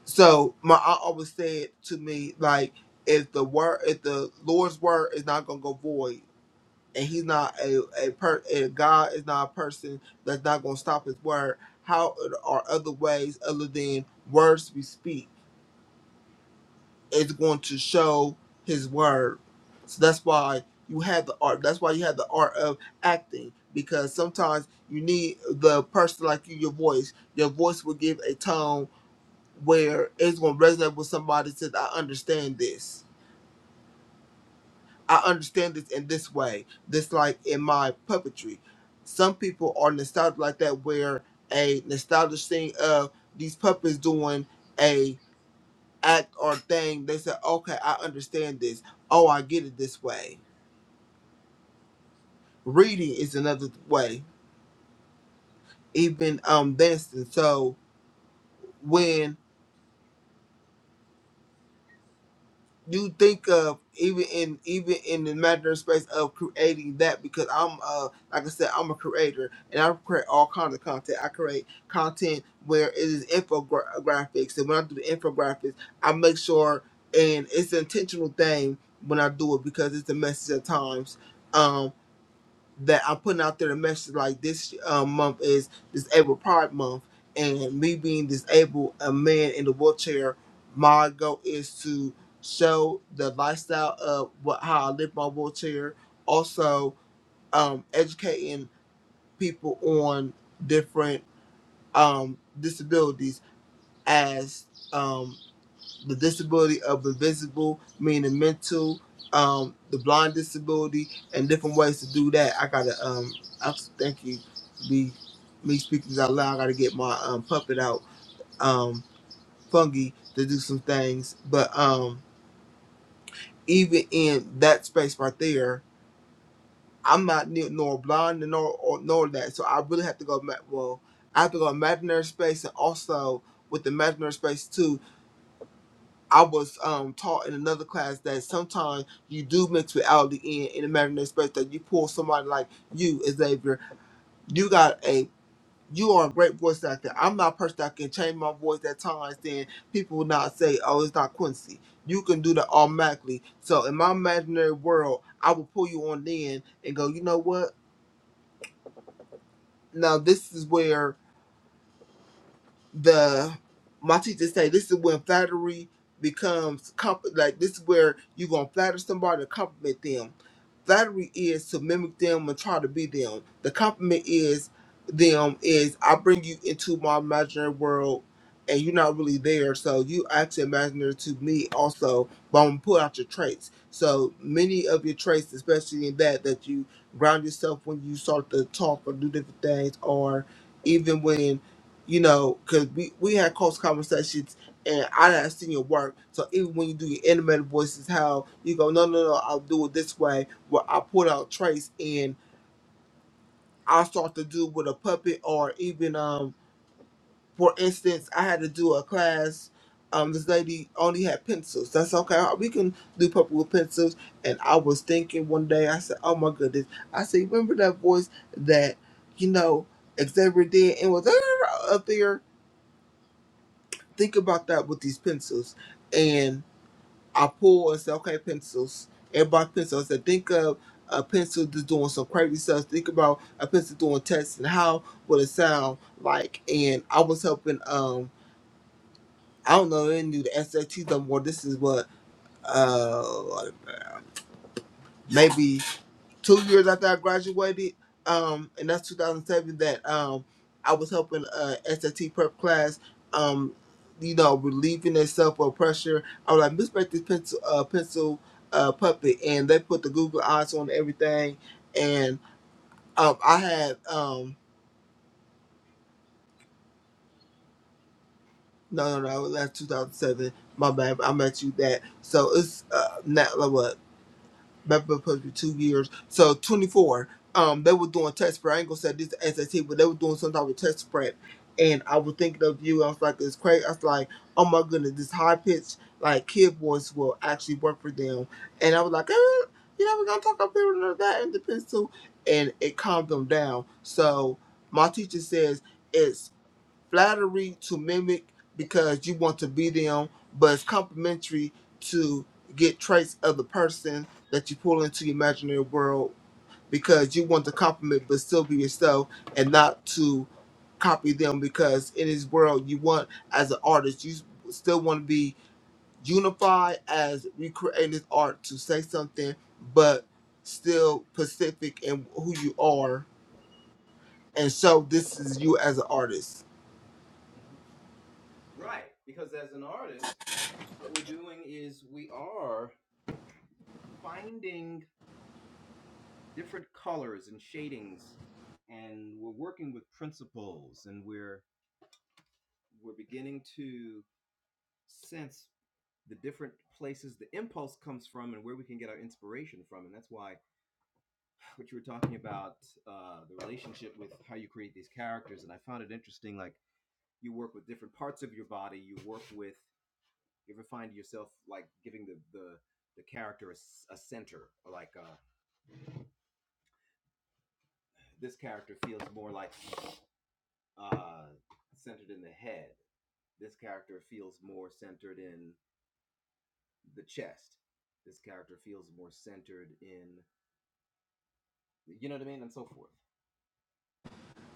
so my aunt always said to me, like, if the word, if the Lord's word is not gonna go void, and he's not a a per and God is not a person that's not gonna stop his word. How are other ways other than words we speak is going to show his word? So that's why you have the art. That's why you have the art of acting because sometimes you need the person like you, your voice. Your voice will give a tone where it's gonna resonate with somebody. Says, "I understand this." I understand this in this way. This like in my puppetry. Some people are nostalgic like that where a nostalgic thing of these puppets doing a act or thing, they say, Okay, I understand this. Oh, I get it this way. Reading is another way. Even um dancing. So when you think of even in even in the matter space of creating that because I'm uh like I said I'm a creator and I create all kinds of content. I create content where it is infographics and when I do the infographics I make sure and it's an intentional thing when I do it because it's a message at times. Um that I'm putting out there a message like this uh, month is Disabled Pride Month, and me being disabled, a man in the wheelchair, my goal is to show the lifestyle of what how I live my wheelchair. Also, um, educating people on different um, disabilities as um, the disability of the visible, meaning mental, um, the blind disability, and different ways to do that. I gotta um, I thank you. Be me speaking out loud. I gotta get my um, puppet out, um, fungi to do some things. But um, even in that space right there, I'm not ne- nor blind nor or, nor that. So I really have to go. ma- Well, I have to go imaginary space and also with the imaginary space too I was um, taught in another class that sometimes you do mix reality in in imaginary space. That you pull somebody like you, Xavier. You got a you are a great voice actor. I'm not a person that can change my voice at times. Then people will not say, "Oh, it's not Quincy." You can do that automatically. So in my imaginary world, I will pull you on in and go, "You know what? Now this is where." the my teacher say this is when flattery becomes comp- like this is where you're gonna flatter somebody to compliment them. Flattery is to mimic them and try to be them. The compliment is them is I bring you into my imaginary world and you're not really there, so you actually imaginary to me also, but I'm gonna pull out your traits. So many of your traits, especially in that that you ground yourself when you start to talk or do different things or even when you know, because we, we had close conversations and I done seen your work. So even when you do your animated voices, how you go, no, no, no, I'll do it this way, where I pull out traits and I'll start to do with a puppet or even, um, for instance, I had to do a class. Um, this lady only had pencils. That's okay. We can do puppet with pencils. And I was thinking one day, I said, oh my goodness. I said, remember that voice that, you know, Xavier did and was up there? think about that with these pencils. And I pull and say, okay, pencils, everybody pencils. I said, think of a pencil that's doing some crazy stuff. Think about a pencil doing tests and how would it sound like. And I was helping, um, I don't know, they knew the SAT no more. This is what, uh, maybe two years after I graduated, um, and that's 2007, that um, I was helping uh, SAT prep class, um, you know, relieving itself of pressure. I was like, Miss Break this pencil, uh, pencil uh, puppet, and they put the Google eyes on everything. And um, I had, um, no, no, no, that's 2007. My bad, I met you that. So it's uh, not like what? That was supposed to be two years. So 24. Um, they were doing test prep. I ain't gonna say this SAT, but they were doing some type of test prep. And I was thinking of you. I was like, it's crazy. I was like, oh my goodness, this high pitched like kid voice will actually work for them. And I was like, eh, you know, we're gonna talk about people like that and the pencil, and it calmed them down. So my teacher says it's flattery to mimic because you want to be them, but it's complimentary to get traits of the person that you pull into your imaginary world because you want to compliment but still be yourself and not to copy them because in this world you want as an artist you still want to be unified as we create this art to say something but still specific in who you are and so this is you as an artist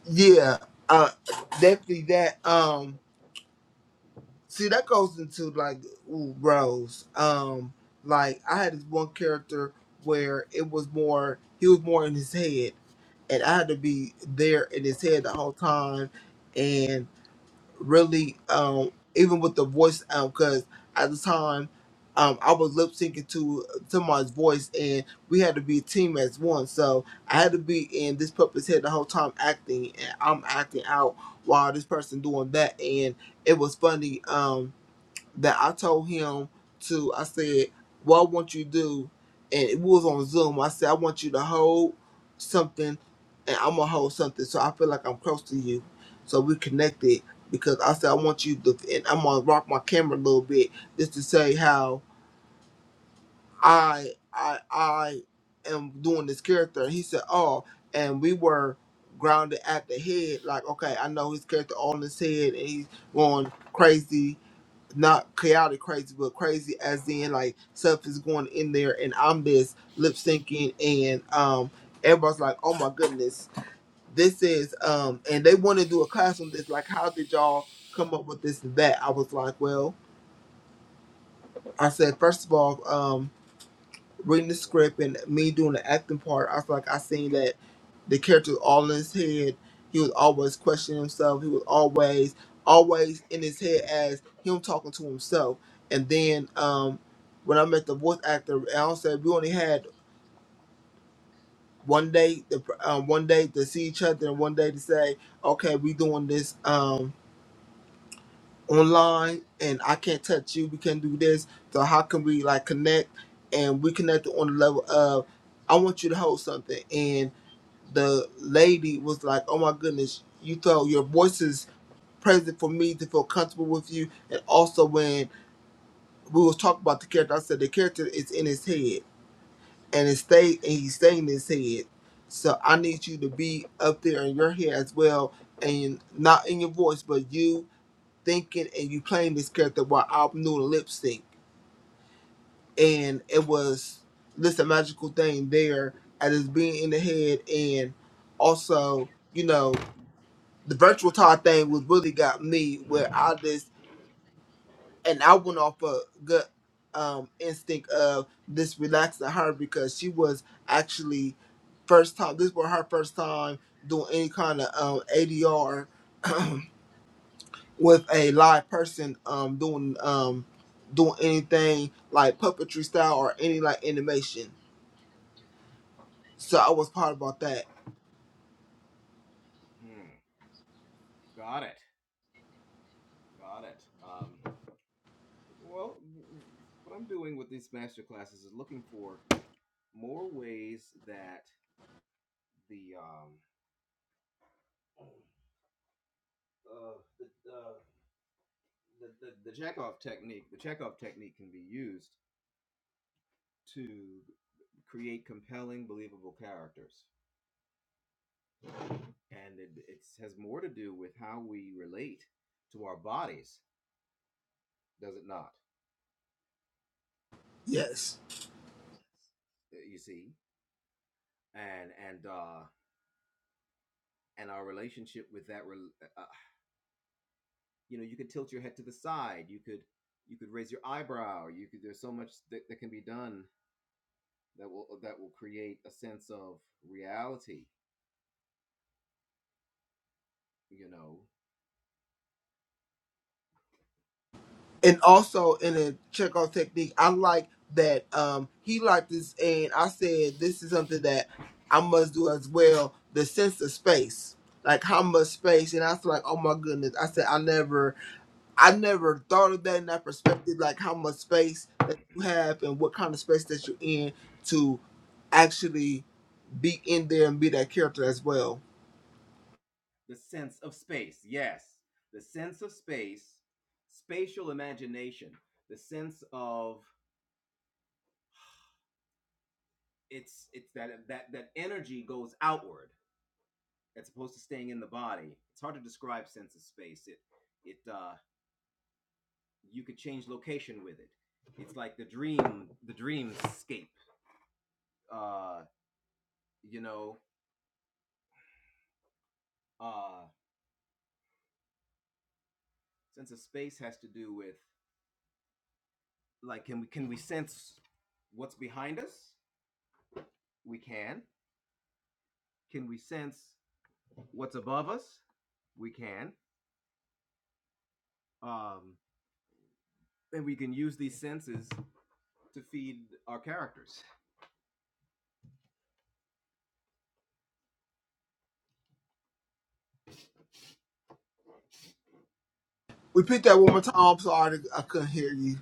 Yeah, uh, definitely that. Um, see, that goes into like ooh, roles. Um, like I had this one character where it was more he was more in his head, and I had to be there in his head the whole time, really um even with the voice um because at the time um I was lip syncing to someone's voice and we had to be a team as one so I had to be in this puppet's head the whole time acting and I'm acting out while this person doing that and it was funny Um, that I told him to, I said, what I want you to do, and it was on Zoom. I said, I want you to hold something, and I'm gonna hold something. So I feel like I'm close to you. So we connected because I said I want you to, and I'm gonna rock my camera a little bit just to say how I I I am doing this character. And he said, oh, and we were grounded at the head. Like, okay, I know his character on his head, and he's going crazy not chaotic crazy, but crazy as in like stuff is going in there and I'm just lip syncing and um everybody's like, Oh my goodness, this is um and they want to do a class on this, like how did y'all come up with this and that? I was like, Well, I said first of all, um reading the script and me doing the acting part, I was like I seen that the character was all in his head. He was always questioning himself. He was always, always in his head as him talking to himself. And then um, when I met the voice actor, Alan said we only had one day, the um, one day to see each other, and one day to say, okay, we doing this um, online, and I can't touch you. We can't do this. So how can we like connect? And we connected on the level of I want you to hold something, and. the lady was like, "Oh my goodness, you throw your voice is present for me to feel comfortable with you." And also when we was talking about the character, I said the character is in his head and it stayed and he's staying in his head. So I need you to be up there in your head as well, and not in your voice, but you thinking and you playing this character while I'm doing lip sync. And it was this a magical thing there at his being in the head and also, you know. the virtual talk thing was really got me where I just and I went off a good um instinct of this relaxing her because she was actually first time this was her first time doing any kind of um ADR with a live person um doing um doing anything like puppetry style or any like animation. So I was proud about that. Yes. and also in a checkout technique, I like that um he liked this, and I said this is something that I must do as well. The sense of space, like how much space, and I was like, oh my goodness, I said I never, I never thought of that in that perspective, like how much space that you have and what kind of space that you're in to actually be in there and be that character as well. Repeat that one more time. I'm sorry, I couldn't hear you.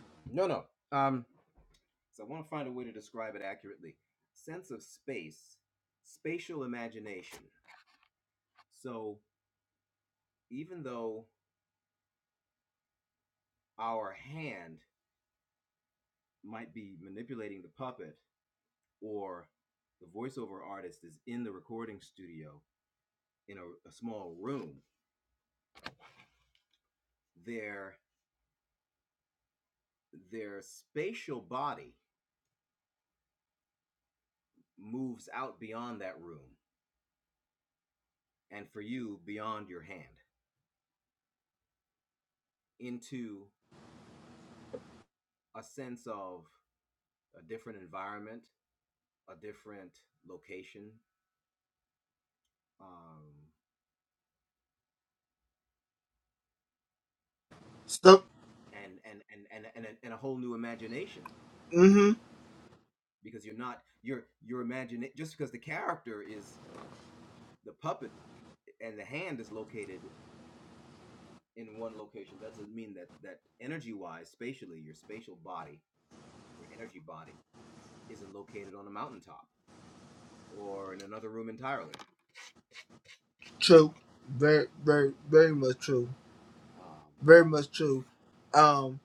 Stop. True. Very, very, very much true. Very much true. Um,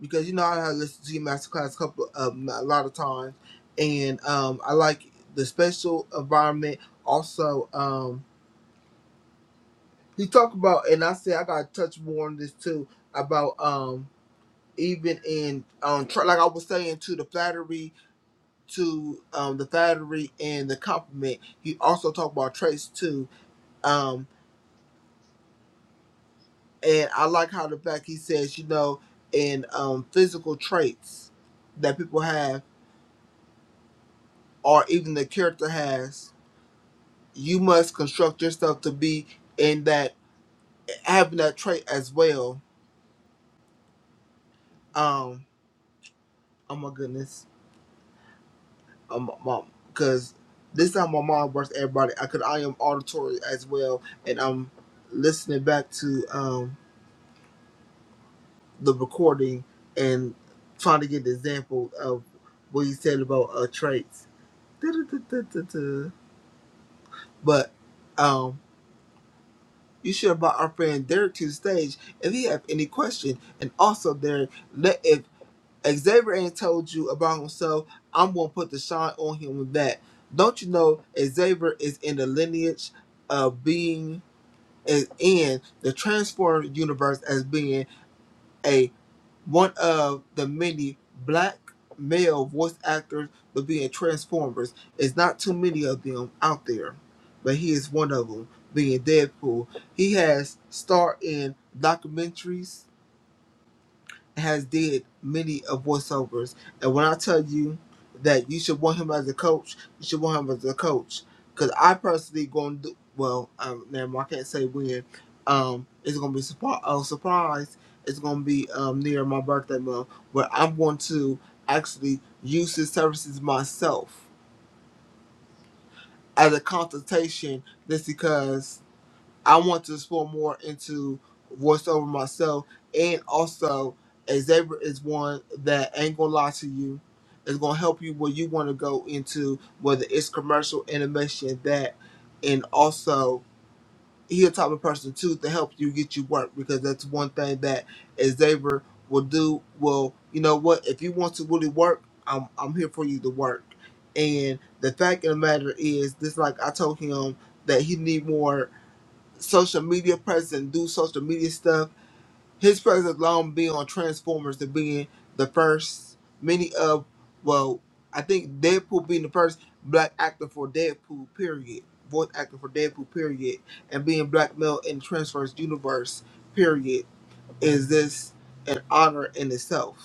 because you know I have listened to your masterclass a couple um, a lot of times, and um, I like the special environment. Also, um, he talked about, and I said I got to touch more on this too about um, even in um, tr- like I was saying to the flattery, to um, the flattery and the compliment. He also talked about traits too. Um, And I like how the fact he says, you know, in um, physical traits that people have, or even the character has, you must construct yourself to be in that having that trait as well. Um, oh my goodness, um, mom, because this time my mom burst everybody. I could I am auditory as well, and I'm listening back to um the recording and trying to get the example of what you said about uh traits. Da-da-da-da-da-da. But um, you should invite our friend Derek to the stage if you have any question. And also, Derek, let if Xavier ain't told you about himself, I'm gonna put the shine on him with that. Don't you know Xavier is in the lineage of being is in the transformed universe as being a one of the many black male voice actors to be in Transformers. It's not too many of them out there, but he is one of them, being Deadpool. He has starred in documentaries has did many of voiceovers. And when I tell you that you should want him as a coach, you should want him as a coach. Because I personally going to do, well, um, never mind, I can't say when. Um, it's going to be surpri- a surprise. It's going to be um, near my birthday month where I'm going to actually use his services myself as a consultation just because I want to explore more into voiceover myself, and also Xavier is one that ain't gonna lie to you. It's gonna help you where you want to go into whether it's commercial animation that, and also he a type of person too to help you get you work because that's one thing that Xavier will do. Well, you know what? If you want to really work, I'm I'm here for you to work. And the fact of the matter is, this like I told him that he need more social media presence do social media stuff. His presence long been on Transformers to being the first many of well, I think Deadpool being the first black actor for Deadpool period. Voice actor for Deadpool period and being black male in Transformers universe period is this an honor in itself.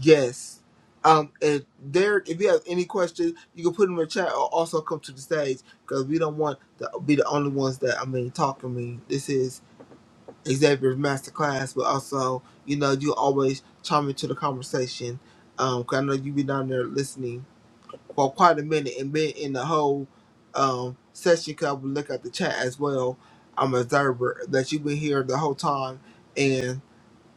Yes. Um, and Derek, if you have any questions, you can put them in the chat or also come to the stage because we don't want to be the only ones that I mean talking. I mean, this is Xavier's masterclass, but also you know you always chime into the conversation. Um, 'cause I know you be down there listening for quite a minute and been in the whole um session. Cause I would look at the chat as well. I'm an observer that you've been here the whole time,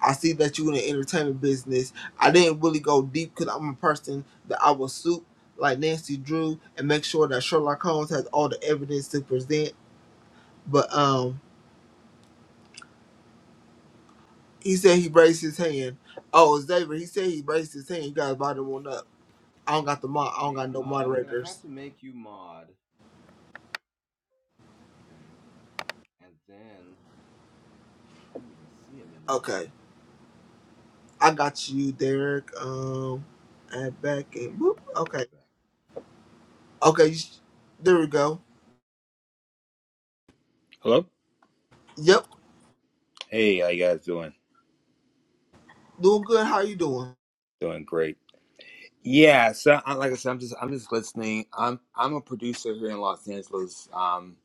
I see that you in the entertainment business. I didn't really go deep because I'm a person that I will soup like Nancy Drew and make sure that Sherlock Holmes has all the evidence to present. But um, he said he raised his hand. Oh, it's David. He said he raised his hand. You guys bottom one up. I don't got the mod. I don't got no moderators. Okay, I got you, Derek. Um, and back and boop. Okay, okay. You sh- there we go. Hello. Yep, Hey, how you guys doing? doing good. How you doing? Doing great. Yeah. So, I, like I said, I'm just I'm just listening. I'm I'm a producer here in Los Angeles. Um,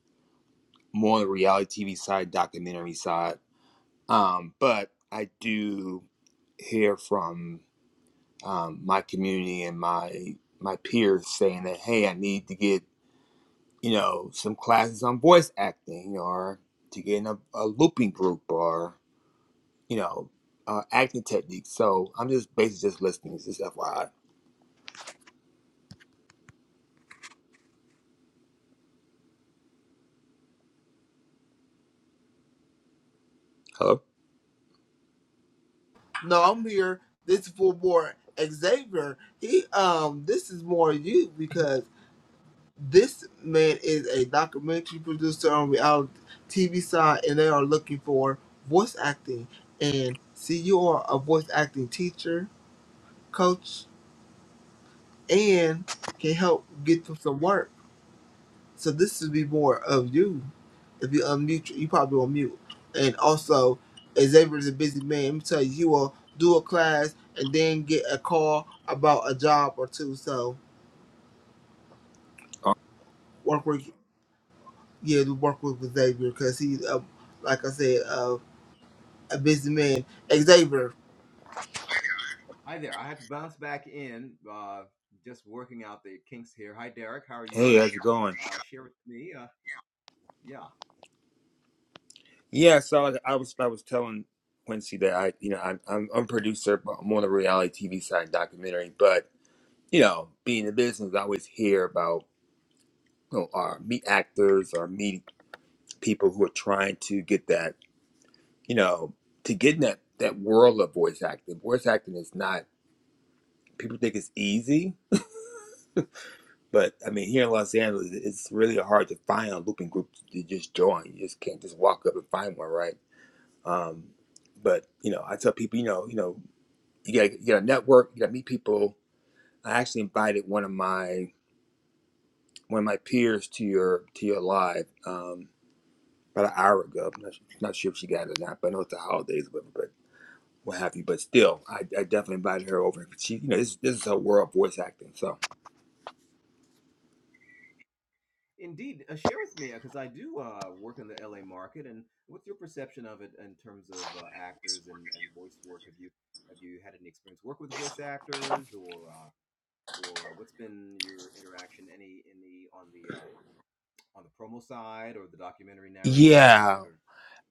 more on the reality TV side, documentary side. Um, but I do hear from um, my community and my my peers saying that hey, I need to get you know some classes on voice acting or to get in a, a looping group or you know uh, acting techniques. So I'm just basically just listening. Just FYI. Hello. No, I'm here. This is for more Xavier. He um this is more you because this man is a documentary producer on reality TV side and they are looking for voice acting. And see you are a voice acting teacher, coach, and can help get them some work. So this would be more of you. If you unmute, you probably on mute. And also, Xavier is a busy man. Let me tell you, you will do a class and then get a call about a job or two. So Oh, work with yeah, do work with Xavier because he's a, like I said, a, a busy man. Xavier, Hey, how's it going? Yeah, so like I was I was telling Quincy that I you know I'm I'm, I'm a producer, but I'm on the reality TV side documentary. But you know, being in the business, I always hear about you know our meet actors or meet people who are trying to get that you know to get in that that world of voice acting. Voice acting is not people think it's easy, but I mean here in Los Angeles, it's really hard to find a looping group to just join. You just can't just walk up and find one, right? Um, but you know, I tell people, you know, you know, you got you got to network, you got to meet people. I actually invited one of my one of my peers to your to your live um, about an hour ago. I'm not, not sure if she got it or not, but I know it's the holidays, but but what have you. But still, I, I definitely invited her over. She, you know, this this is her world voice acting, so yeah.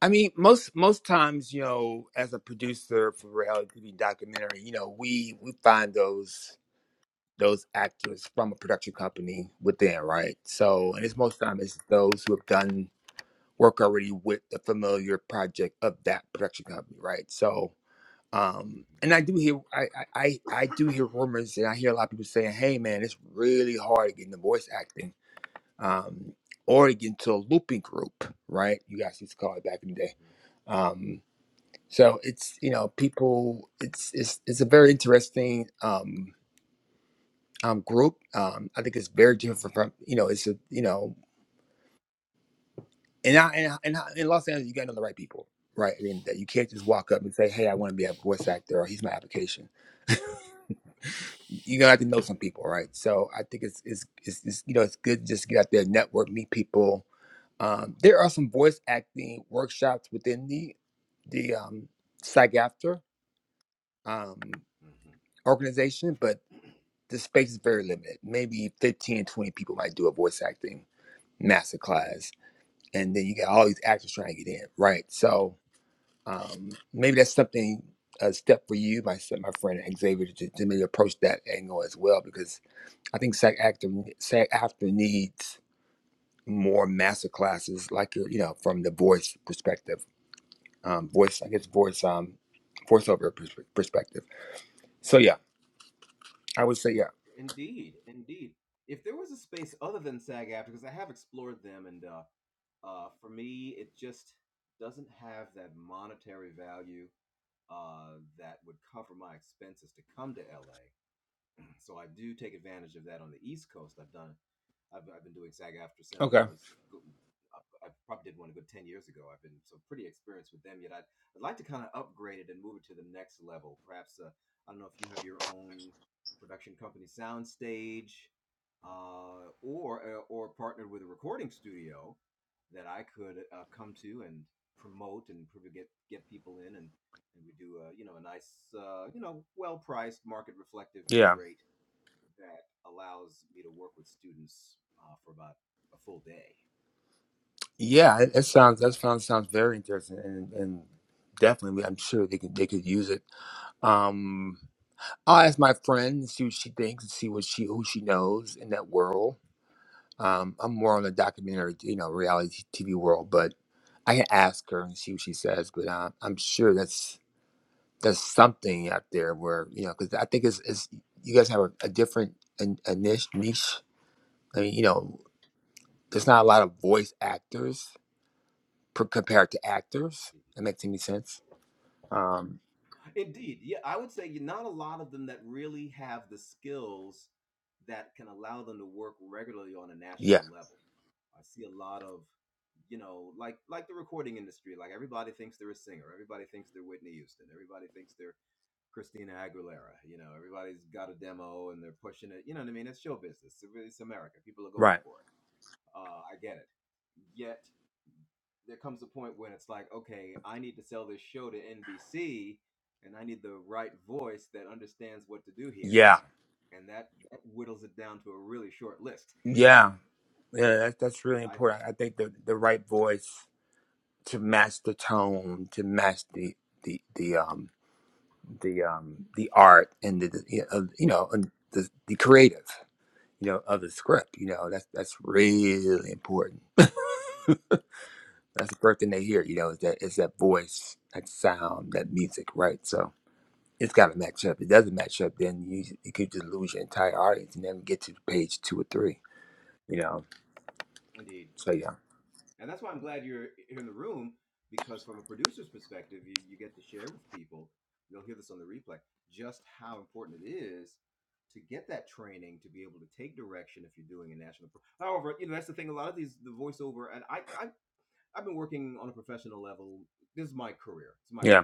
I mean, most most times, you know, as a producer for reality TV documentary, you know, we we find those. those actors from a production company within, right? So, and it's most time it's those who have done work already with the familiar project of that production company, right? So, um, and I do hear I, I I I do hear rumors, and I hear a lot of people saying, "Hey, man, it's really hard to get into voice acting, um, or to get into a looping group, right? You guys used to call it back in the day." Um, so it's you know people, it's it's it's a very interesting um um, group. Um, I think it's very different from you know it's a you know and I, and I, and I, in Los Angeles you got to know the right people, right? I mean, that you can't just walk up and say, "Hey, I want to be a voice actor," or "He's my application." You're gonna have to know some people, right? So I think it's it's it's, it's you know it's good to just to get out there, network, meet people. Um, there are some voice acting workshops within the the um, psych after um, organization, but the space is very limited. Maybe 15 20 people might do a voice acting master class and then you got all these actors trying to get in, right? So um, maybe that's something a step for you, my my friend Xavier, to, to maybe approach that angle as well, because I think SAG actor SAG actor needs more master classes, like your you know from the voice perspective, um, voice I guess voice um voiceover pers- perspective. So yeah, I would say yeah. Okay. Yeah. Yeah. It, it sounds that sounds sounds very interesting, and, and definitely I'm sure they could they could use it. Um, I'll ask my friend see what she thinks and see what she who she knows in that world. Um, I'm more on the documentary, you know, reality TV world, but I can ask her and see what she says. But uh, I'm sure that's that's something out there where you know, because I think it's, it's you guys have a, a different a, a niche niche. I mean, you know, there's not a lot of voice actors per, compared to actors. That makes any sense? Um, yeah, right. Yeah, yeah, yeah. That's that's really important. I I think the the right voice to match the tone, to match the the the um the um the art and the, the you know you know, and the the creative you know of the script. You know that's that's really important. That's the first thing they hear. You know is that is that voice, that sound, that music, right? So it's got to match up. If it doesn't match up, then you you could just lose your entire audience and then get to page two or three. You know. So yeah. Yeah.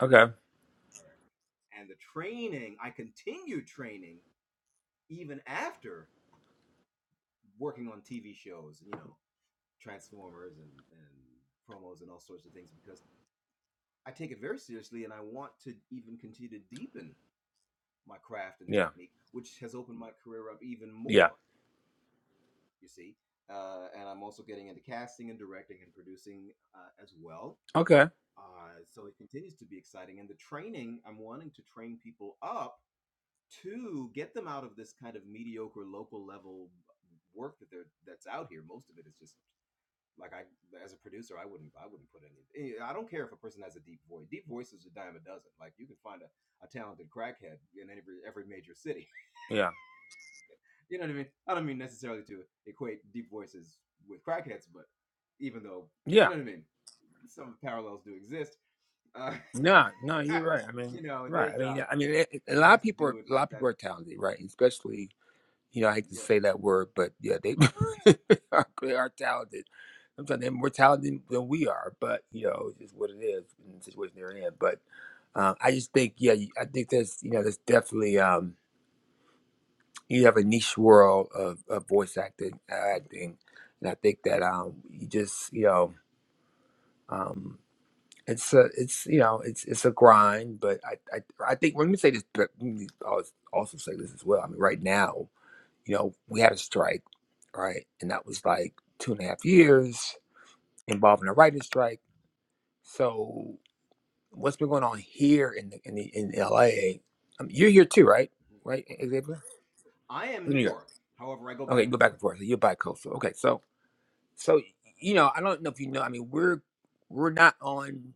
Okay. Yeah. Yeah. Okay. Yeah. Yeah. No, no, you're right. I mean, right. I mean, yeah, I mean, it, it- a lot of people are a lot of people are talented, right? Especially, you know, I hate to say that word, but yeah, they [LAUGHS] are, they are talented. Sometimes they're more talented than we are, but you know, it's just what it is in the situation they're in. But um, I just think, yeah, you- I think there's, you know, there's definitely um, you have a niche world of, of voice acting, acting, and I think that um, you just, you know. um. it's a it's you know it's it's a grind but i i, I think let me say this but let me als- also say this as well i mean right now you know we had a strike right and that was like two and a half years involving a writer's strike so what's been going on here in the in, the, in la mean, you're here too right right E-, Xavier? In new york okay go back and forth so you're bi coastal okay so so you know i don't know if you know i mean we're we're not on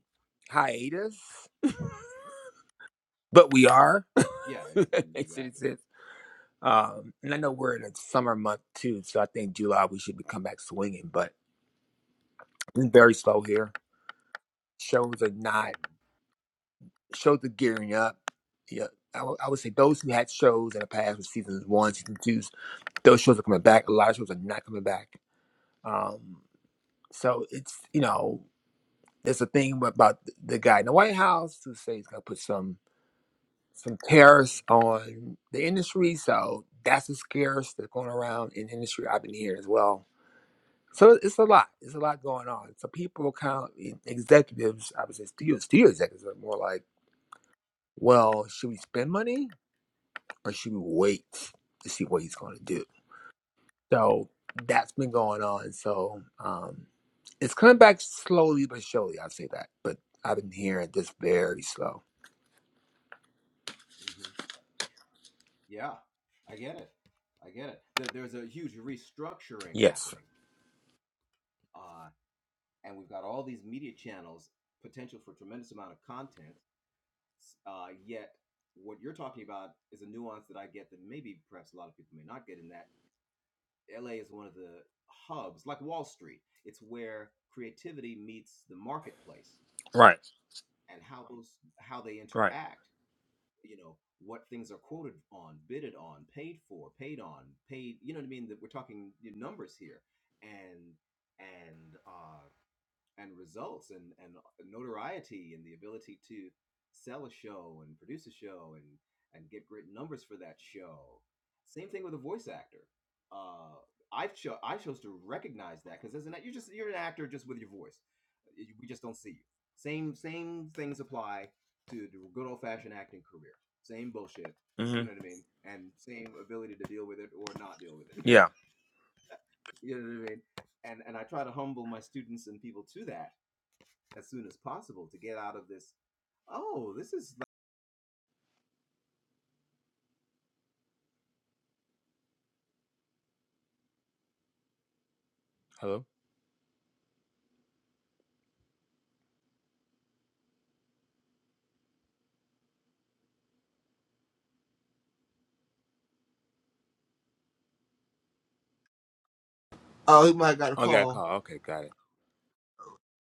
hiatus [LAUGHS] but we are. [LAUGHS] that makes any sense. Um, and I know we're in a summer month too, so I think July we should be come back swinging, but it's very slow here. Shows are not shows are gearing up. Yeah, I would I would say those who had shows in the past with seasons one, season two, those shows are coming back. A lot of shows are not coming back. Um, so it's you know there's a thing about the guy in the White House who says he's gonna put some. some tariffs on the industry. So that's the scares that's going around in the industry. I've been hearing as well. So it's a lot. It's a lot going on. So people count executives. I would say studio studio executives are more like, well, should we spend money or should we wait to see what he's going to do? So that's been going on. So um, it's coming back slowly but surely. I'd say that. But I've been hearing this very slow. Yes. Right. Right. hmm Yeah. Hello. oh, he might have got a Oh, I got a call call. Okay, got it.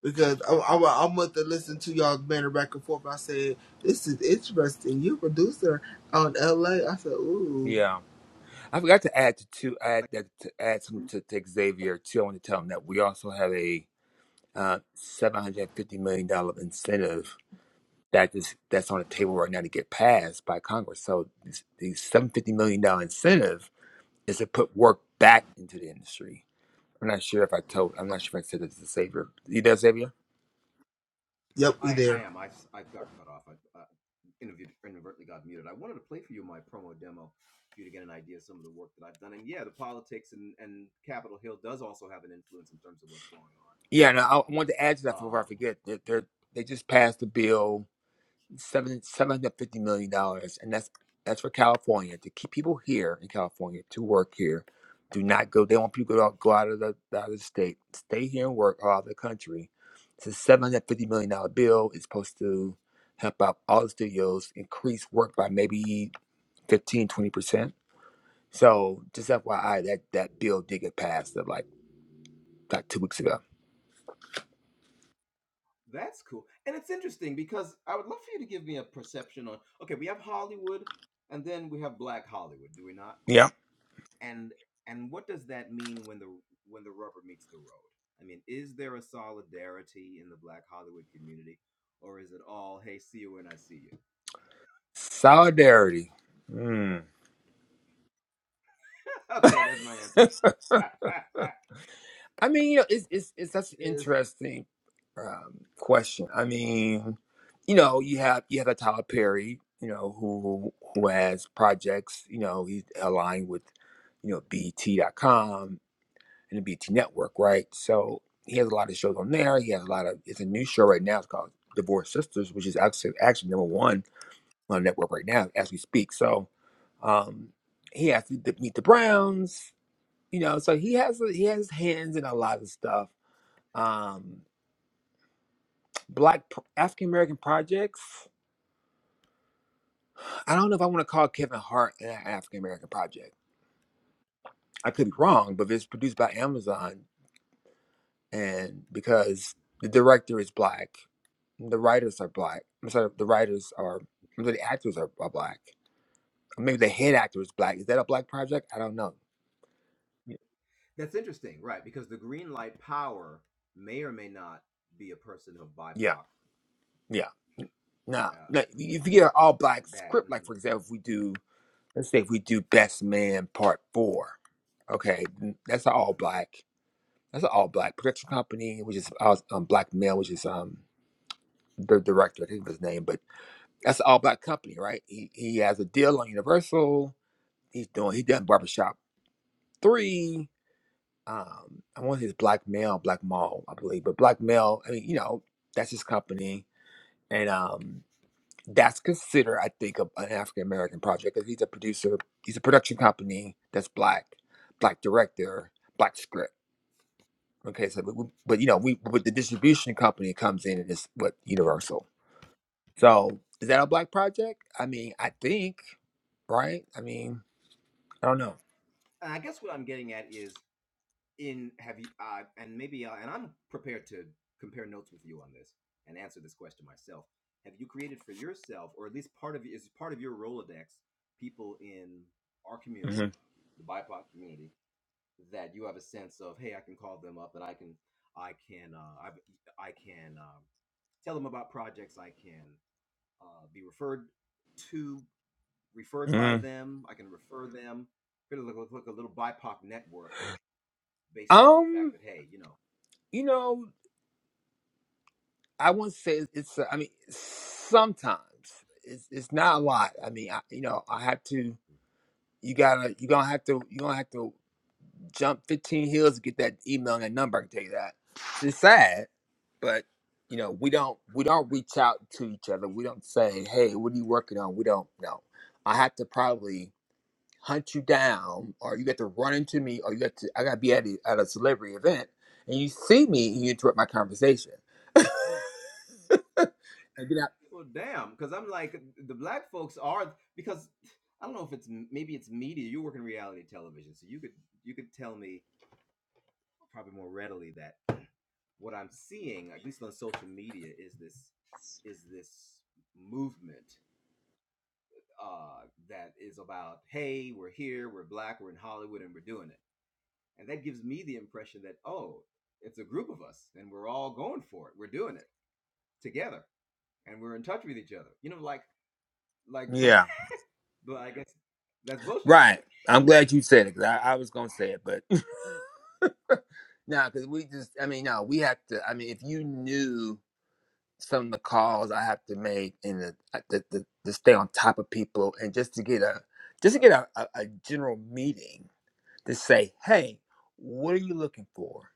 because I, I, I'm going to listen to you alls banner back and forth. I said, this is interesting. You producer on LA. I said, ooh, Yeah, I forgot to add to, to add that to add something to, to Xavier too. I want to tell him that we also have a uh, seven hundred fifty million dollar incentive that is that's on the table right now to get passed by Congress. So this, the seven fifty million dollar incentive is to put work back into the industry. I'm not sure if I told. I'm not sure if I said this to Xavier. You know, Xavier? yep, we there. Yeah, No, I, I wanted to add to that before I forget. That they they just passed the bill seven seven hundred fifty million dollars, and that's that's for California to keep people here in California to work here. Do not go. They want people to go out, go out of the out of the state, stay here and work all over the country. It's a seven hundred fifty million dollar bill. It's supposed to help out all the studios increase work by maybe 15 20 percent. So just FYI, that that bill did get passed uh, like like two weeks ago. Yeah. Solidarity. Hmm. [LAUGHS] I mean, you know, it's it's it's such an interesting um, question. I mean, you know, you have you have a Tyler Perry, you know, who who has projects. You know, he's aligned with you know BT dot com and the BT Network, right? So he has a lot of shows on there. He has a lot of. It's a new show right now. It's called Divorced Sisters, which is actually actually number one on the network right now as we speak. So um, he has to meet the Browns. You know, so he has he has hands in a lot of stuff um black African American projects. I don't know if I want to call Kevin Hart an African American project. I could be wrong, but if it's produced by Amazon and because the director is black, the writers are black. I'm sorry, the writers are I'm sorry, the actors are, are black. Or maybe the head actor is black. Is that a black project? I don't know. Y- Yeah, yeah. Nah, nah, if you get an all black script, like for example, if we do Let's say if we do Best Man Part Four. Okay, that's an all black. That's an all black production company, which is uh, um, black male, which is um the director. I think of his name, but that's an all black company, right? He he has a deal on Universal. He's doing he done Barbershop Three. Um, I want his black male, black mall, I believe, but black male. I mean, you know, that's his company, and um. that's considered, I think, a, an African American project because he's a producer. He's a production company that's black, black director, black script. Okay, so but, we, but you know, we but the distribution company comes in and it's what Universal. So is that a black project? I mean, I think right. I mean, I don't know. hmm hmm Um, you know, I wouldn't say it's. it's uh, I mean, sometimes it's it's not a lot. I mean, I, you know, I have to. You gotta. You gonna have to. You gonna have to. jump 15 hills to get that email and that number. I can tell you that. It's sad, but you know we don't we don't reach out to each other. We don't say, "Hey, what are you working on?" We don't know. I have to probably hunt you down, or you got to run into me, or you got to I got to be at a, at a celebrity event, and you see me and you interrupt my conversation. [LAUGHS] And get out- Yeah, right. I'm glad you said it because I, I was gonna say it, but [LAUGHS] [LAUGHS] No, because we just, I mean, no, we have to. I mean, if you knew some of the calls I have to make and the, uh, the, the, to stay on top of people and just to get a, just to get a, a, a general meeting to say, hey, what are you looking for?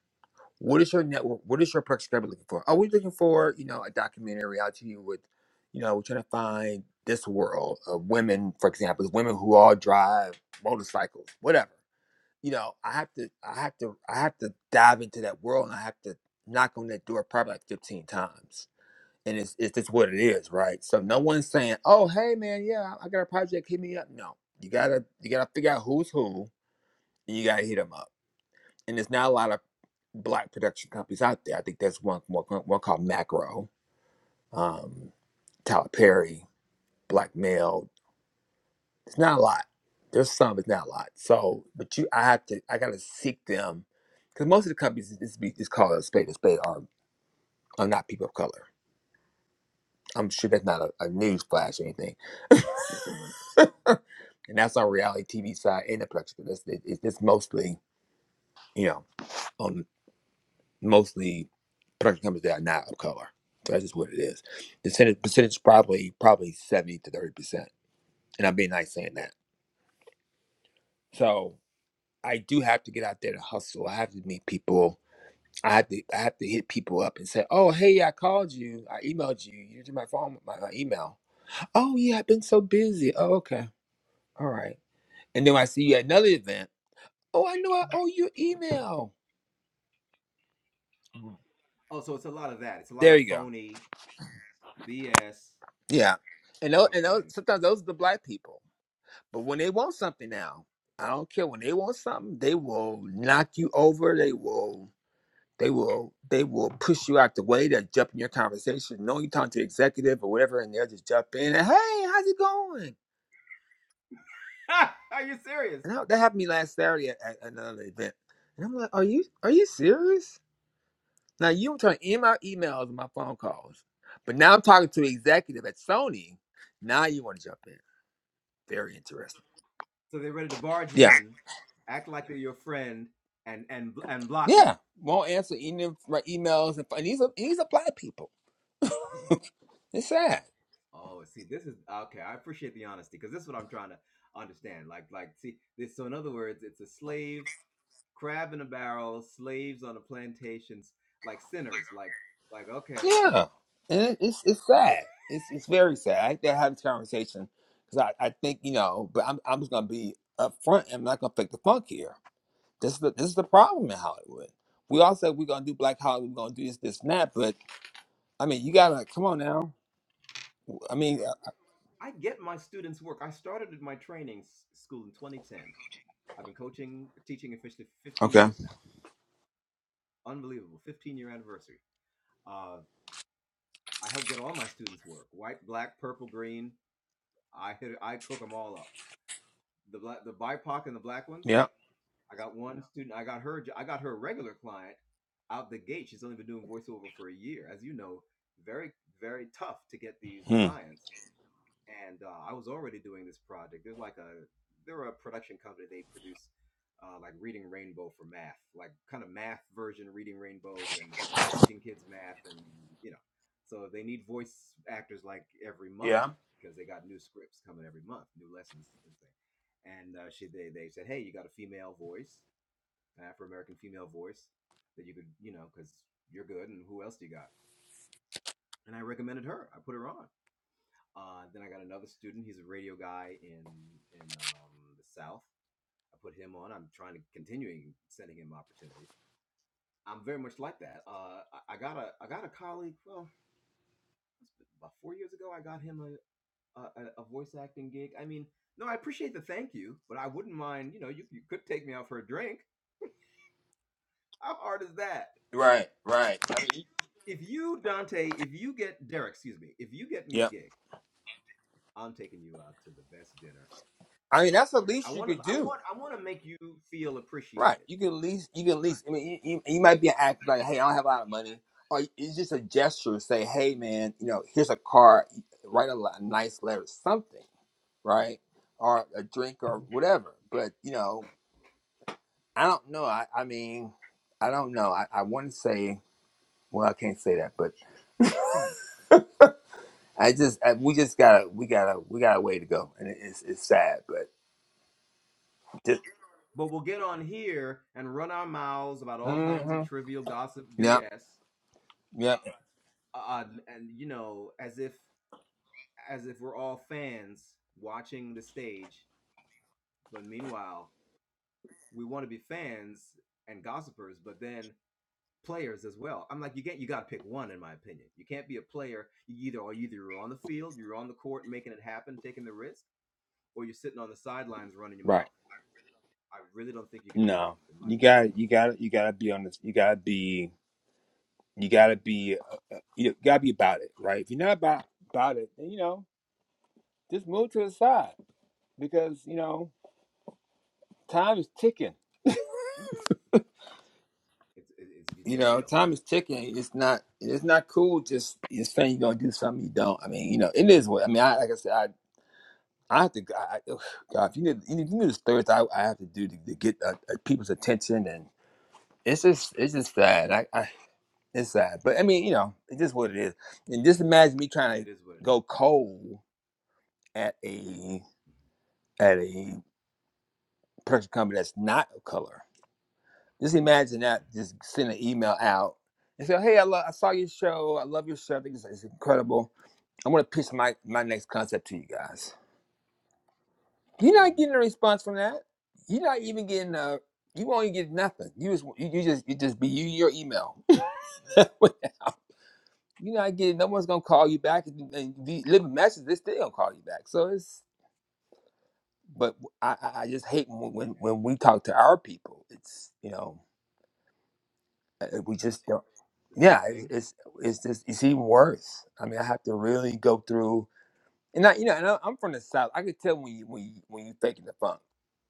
What is your network? What is your subscriber looking for? Are we looking for, you know, a documentary reality with, you know, we're trying to find this world of women, for example, women who all drive motorcycles, whatever you know, I have to, I have to, I have to dive into that world, and I have to knock on that door probably like fifteen times. And it's it's just what it is, right? So no one's saying, "Oh, hey, man, yeah, I got a project, hit me up." No, you gotta you gotta figure out who's who, and you gotta hit them up. And there's not a lot of black production companies out there. I think there's one one, one called Macro, um, Tyler Perry, Black Male. It's not a lot. There's some, it's not a lot. So, but you, I have to, I gotta seek them, because most of the companies is, is, be- is called a spade a spade are are not people of color. I'm sure that's not a, a news flash or anything. [LAUGHS] and that's on reality TV side and the production. It's, it, it's it's mostly, you know, on mostly production companies that are not of color. So that's just what it is. The percentage, percentage probably probably seventy to thirty percent. And I'm being nice saying that. So. I do have to get out there to hustle. I have to meet people. I have to I have to hit people up and say, "Oh, hey, I called you. I emailed you. You did my phone, my, my email. Oh yeah, I've been so busy. Oh okay, all right. And then when I see you at another event, oh, I know I owe you an email. Mhm. There you go. Yeah. And those, and those, sometimes those are the black people. But when they want something now, I don't care. When they want something, they will knock you over. They will. They will they will push you out the way. They'll jump in your conversation. knowing you are talking to an executive or whatever, and they'll just jump in and hey, how's it going? And I, that happened to me last Saturday at, at another event. And I'm like, are you are you serious? Now you were trying to end my emails and my phone calls, but now I'm talking to an executive at Sony. Now you want to jump in? Very interesting. Yeah, yeah. Won't answer even my emails and, and these are these are black people. It's sad. Yeah, and it, it's it's sad. It's it's very sad. I hate to have this conversation because I, I think you know, but I'm I'm just gonna be upfront. and I'm not gonna fake the funk here. This is the this is the problem in Hollywood. We all said we're gonna do Black Hollywood, we're gonna do this, this, and that. But I mean, you gotta come on now. I mean, uh, okay, yeah, hmm. yeah, right, right. I mean, yeah. I mean, that's the least you could do. Right. You can at least, you can at least, I mean, you, you, you might be an actor like, hey, I don't have a lot of money. Or it's just a gesture to say, hey, man, you know, here's a card, write a, li- a nice letter, something, right? Or a drink or whatever. But, you know, I don't know. I, I mean, I don't know. I, I want to say, well, I can't say that, but I just, I, we just gotta, we gotta, we got a way to go. And it, it's, it's sad, but just, hmm yeah, yeah, right. No, you got, you got, you gotta be on this, you gotta be You gotta be you gotta be about it, right? If you're not about about it, then you know, just move to the side because you know time is ticking. You know, time is ticking. It's not it's not cool just just saying you're gonna do something you don't. I mean, you know, it is what I mean. I like I said, I. I have to, I, I- ugh, God, if you need, you need the Thursday, I, I have to do to, to get uh, uh, people's attention, and it's just, it's just sad. I, I, it's sad, but I mean, you know, it's just what it is. And just imagine me trying to go cold at a at a person company that's not of color. Just imagine that. Just send an email out and say, "Hey, I, lo- I saw your show. I love your show. I think it's, it's incredible. I'm going to pitch my my next concept to you guys." You're not getting a response from that. You're not even getting a. You won't even get nothing. You just you, you just you just be you and your email. [LAUGHS] You're not getting. No one's gonna call you back and, and if you leave a message. They still gonna call you back. So it's. But I, I I just hate when, when when we talk to our people. It's you know Uh, We just don't. Yeah, it's it's, it's just it's even worse. I mean, I have to really go through, and I you know, and I, I'm from the south. I could tell when you when you, when you faking the funk.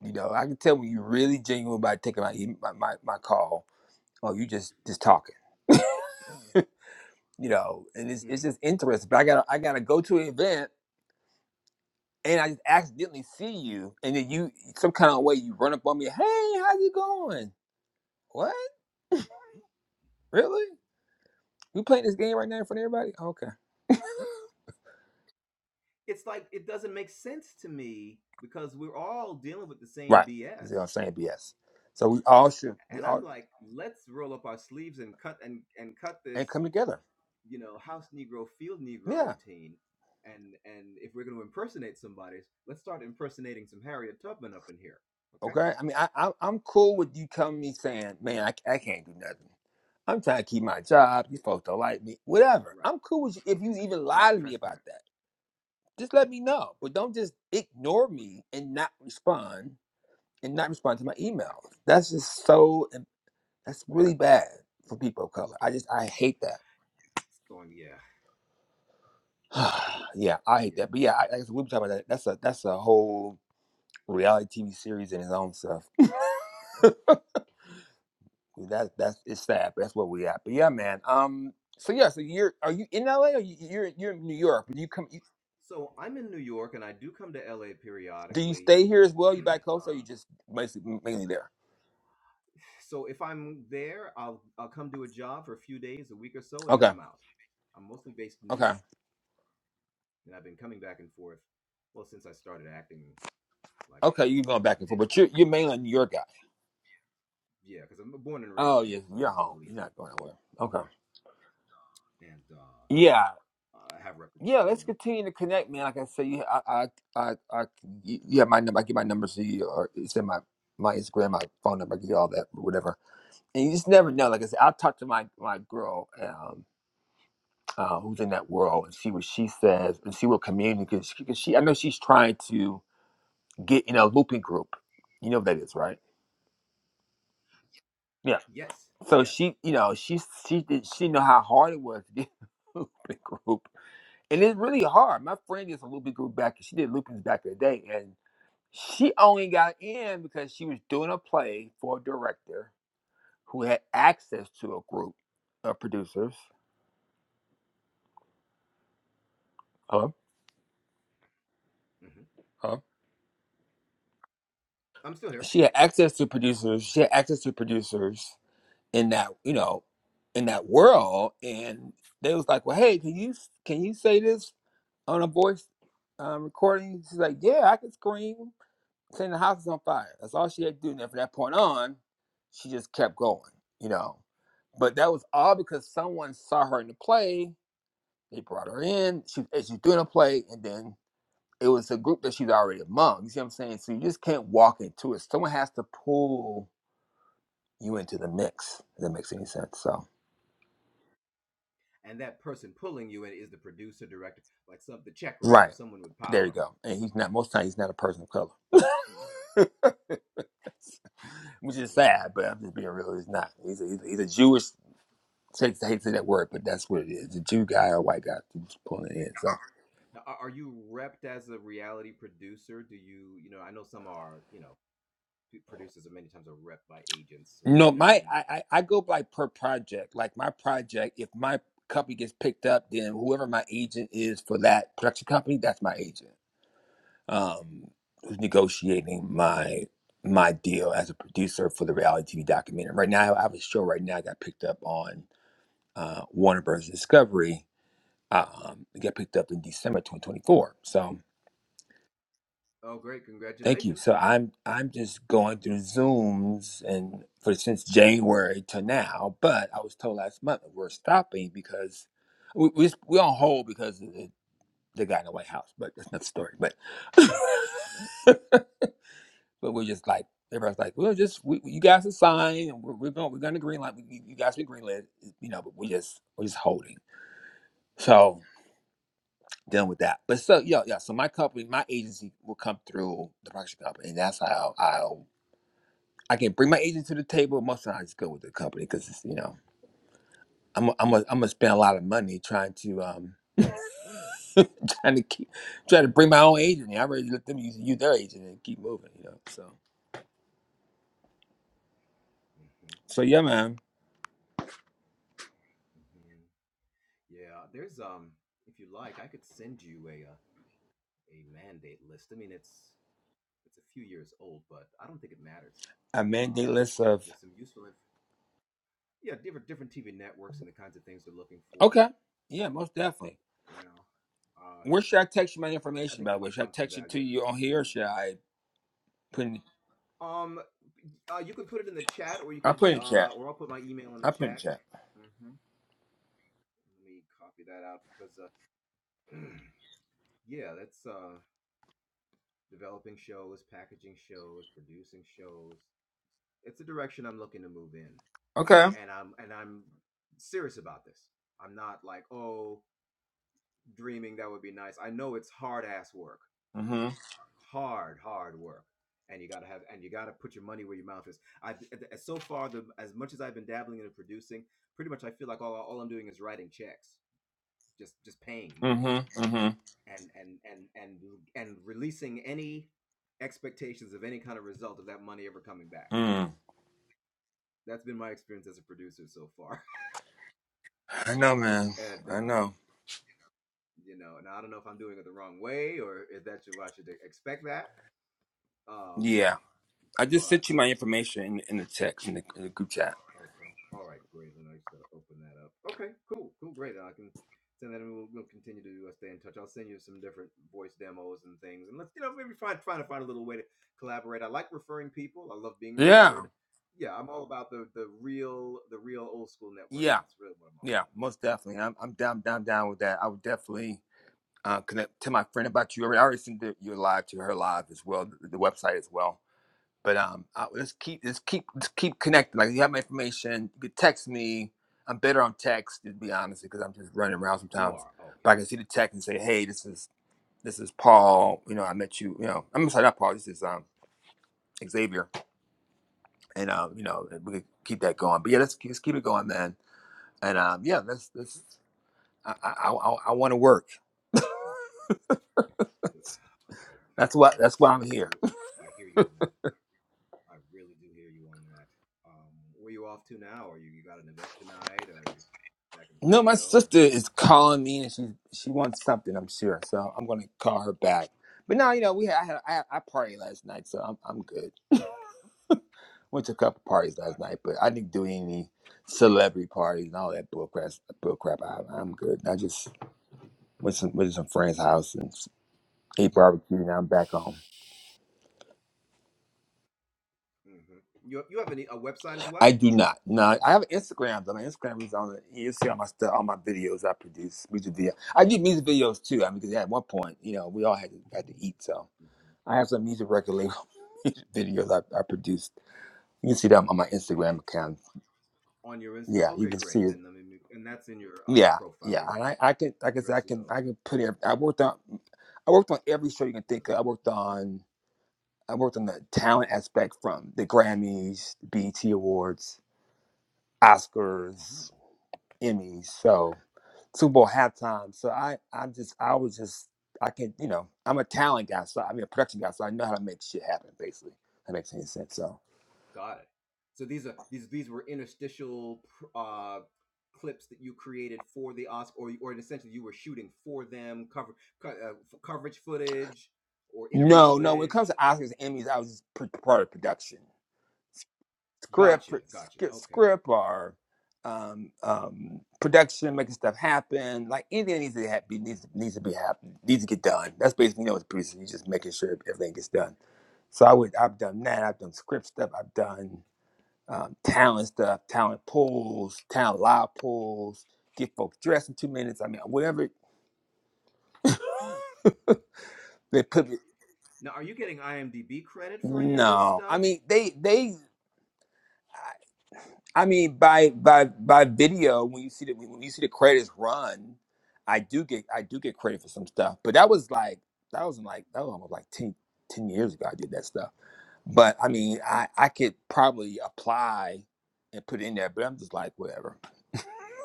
You know, I can tell when you really genuine by taking my e- my my, my call, or you just just talking. You know, and it's it's just interesting. But I gotta I gotta go to an event. And I just accidentally see you, and then you some kind of way you run up on me. Hey, how's it going? What? Really? We playing this game right now in front of everybody? "Okay." Right. You see what I'm saying? BS. So we all should we all and come together. Yeah. Okay. I mean, I, I I'm cool with you coming to me saying, man, I, I can't do nothing. I'm trying to keep my job. You folks don't like me. Whatever. I'm cool with you if you even lie to me about that. Just let me know. But don't just ignore me and not respond and not respond to my emails. That's just so that's really bad for people of color. I just I hate that. [SIGHS] yeah, I hate that. But yeah, I, like I said, we were talking about that. That's a that's a whole reality TV series and his own stuff. [LAUGHS] That that's it's sad. But that's where we at. But yeah, man. Um. So yeah. So you're are you in LA or you, you're you're in New York? Do you come? You, do you stay here as well? You back coast or you just basically mainly there? Okay. Okay. Okay. You're going back and forth, but you're you're mainly a New York guy. Oh yeah. You're home. You're not going anywhere. Okay. Yeah. Yeah, let's continue to connect, man. Like I said, you, I, I, I, I, you you have my number. I give my number to you, or send my my Instagram, my phone number. I give you all that, whatever and you just never know. Like I said, I will talk to my my girl um, uh, who's in that world, and see what she says, and see what community because she, 'cause she I know she's trying to get in a looping group. You know what that is, right? Yeah. So she, you know, she she did she know how hard it was to get [LAUGHS] a looping group, and it's really hard. My friend is a looping group back. She did loopings back in the day, and she only got in because she was doing a play for a director who had access to a group of producers. Hello. Hello? she had access to producers. She had access to producers in that, you know, in that world, and they was like, "Well, hey, can you can you say this on a voice um, recording?" She's like, "Yeah, I can scream, saying the house is on fire." That's all she had to do. And then from that point on, she just kept going, you know. But that was all because someone saw her in the play. They brought her in. She and she's doing a play, and then it was a group that she's already among. You see what I'm saying? So you just can't walk into it. Someone has to pull you into the mix. If that makes any sense. So right there you go. And he's not most times he's not a person of color, [LAUGHS] which is sad. But I'm just being real. He's not. He's a, he's a, he's a Jewish. Takes hate to say that word, but that's what it is. A Jew guy or a white guy who's pulling it in. So no, my I, I I go by per project. Like my project, if my company gets picked up, then whoever my agent is for that production company, that's my agent. um, who's negotiating my my deal as a producer for the reality TV documentary. Right now, I have a show right now I got picked up on uh, Warner Bros. Discovery. Um, it got picked up in December 2024. So thank you. So I'm I'm just going through Zooms and for since January to now. But I was told last month that we're stopping because we we we on hold because of the, the guy in the White House. But that's not the story. But [LAUGHS] But we're just like everybody's like, well, just we, you guys are signed, and we're, we're going we're going to green light. You, you guys be green lit, you know. But we just we're just holding. So dealing with that. But so yeah, yeah. So my company, my agency will come through the production company, and that's how I'll I can bring my agent to the table. Most of the time, I just go with the company because it's you know. I'm i I'm i am i am i am going to spend a lot of money trying to um [LAUGHS] trying to keep trying to bring my own agent. I already let them use, use their agent and keep moving, you know. So so yeah, man, I mandate list of Okay. Yeah, most definitely. Where should I text you my information, by the way? Should I text it to you on here or should I put in I put in chat. I put in chat. Okay. Mm-hmm. Mm-hmm. Mm-hmm. Mm. I know, man. I know. Yeah. I just sent you my information in, in the text in the, in the group chat. Yeah. Yeah. Yeah. Most definitely. I'm I'm down, down, down with that. I would definitely uh, connect to my friend about you. I already sent the, your live to her live as well, the, the website as well. But um, I, let's keep let's keep let's keep connected. Like you have my information, you can text me. I'm better on text to be honest because I'm just running around sometimes. But I can see the text and say, hey, this is this is Paul. You know, I met you. You know, I'm sorry, not Paul. This is um Xavier, and um, you know, we can keep that going. But yeah, let's keep, let's keep it going, man. And um, yeah, let's let's I I I, I want to work. [LAUGHS] That's what that's why I'm here. No, my sister is calling me and she she wants something, I'm sure. So I'm gonna call her back. But no, you know, we had I had I, I partied last night, so I'm I'm good. Went to a couple parties last night, but I didn't do any celebrity parties and all that bull crap. Bull crap. I, I'm good. I just went some went to some friend's house and ate barbecue. and I'm back home. I do not. No, I have an Instagram though. My Instagram is on. it. You see all my stuff, all my videos I produce, music video. I do music videos too. I mean, because at one point, you know, we all had to had to eat, so. I have some music record label [LAUGHS] music videos I, I produced. You can see them on my Instagram account. Yeah, you can see it. Yeah, yeah. And I, I can, like I said, I can, I can put in. I worked on, I worked on every show you can think of. I worked on, I worked on the talent aspect from the Grammys, BET Awards, Oscars, Emmys, so Super Bowl halftime. So I, I just, I was just, I can, you know, I'm a talent guy, so I mean a production guy, so I know how to make shit happen. Basically, if that makes any sense. So. No, no. When it comes to Oscars and Emmys, I was just pr- part of production, script, pr- script, script or um, um, production, making stuff happen. Like anything that needs to happen needs needs to be happen, needs to get done. That's basically you know it's producing. You're just making sure everything gets done. So I would I've done that. I've done script stuff. I've done um, talent stuff, talent pools, talent live pools. Get folks dressed in two minutes. I mean, whatever [LAUGHS] they put. me- No, I mean they they. I mean, by by by video, when you see the when you see the credits run, I do get I do get credit for some stuff. But that was like that was in like that was almost like 10 10 years ago. I did that stuff. But I mean, I I could probably apply and put it in there. But I'm just like whatever. [LAUGHS]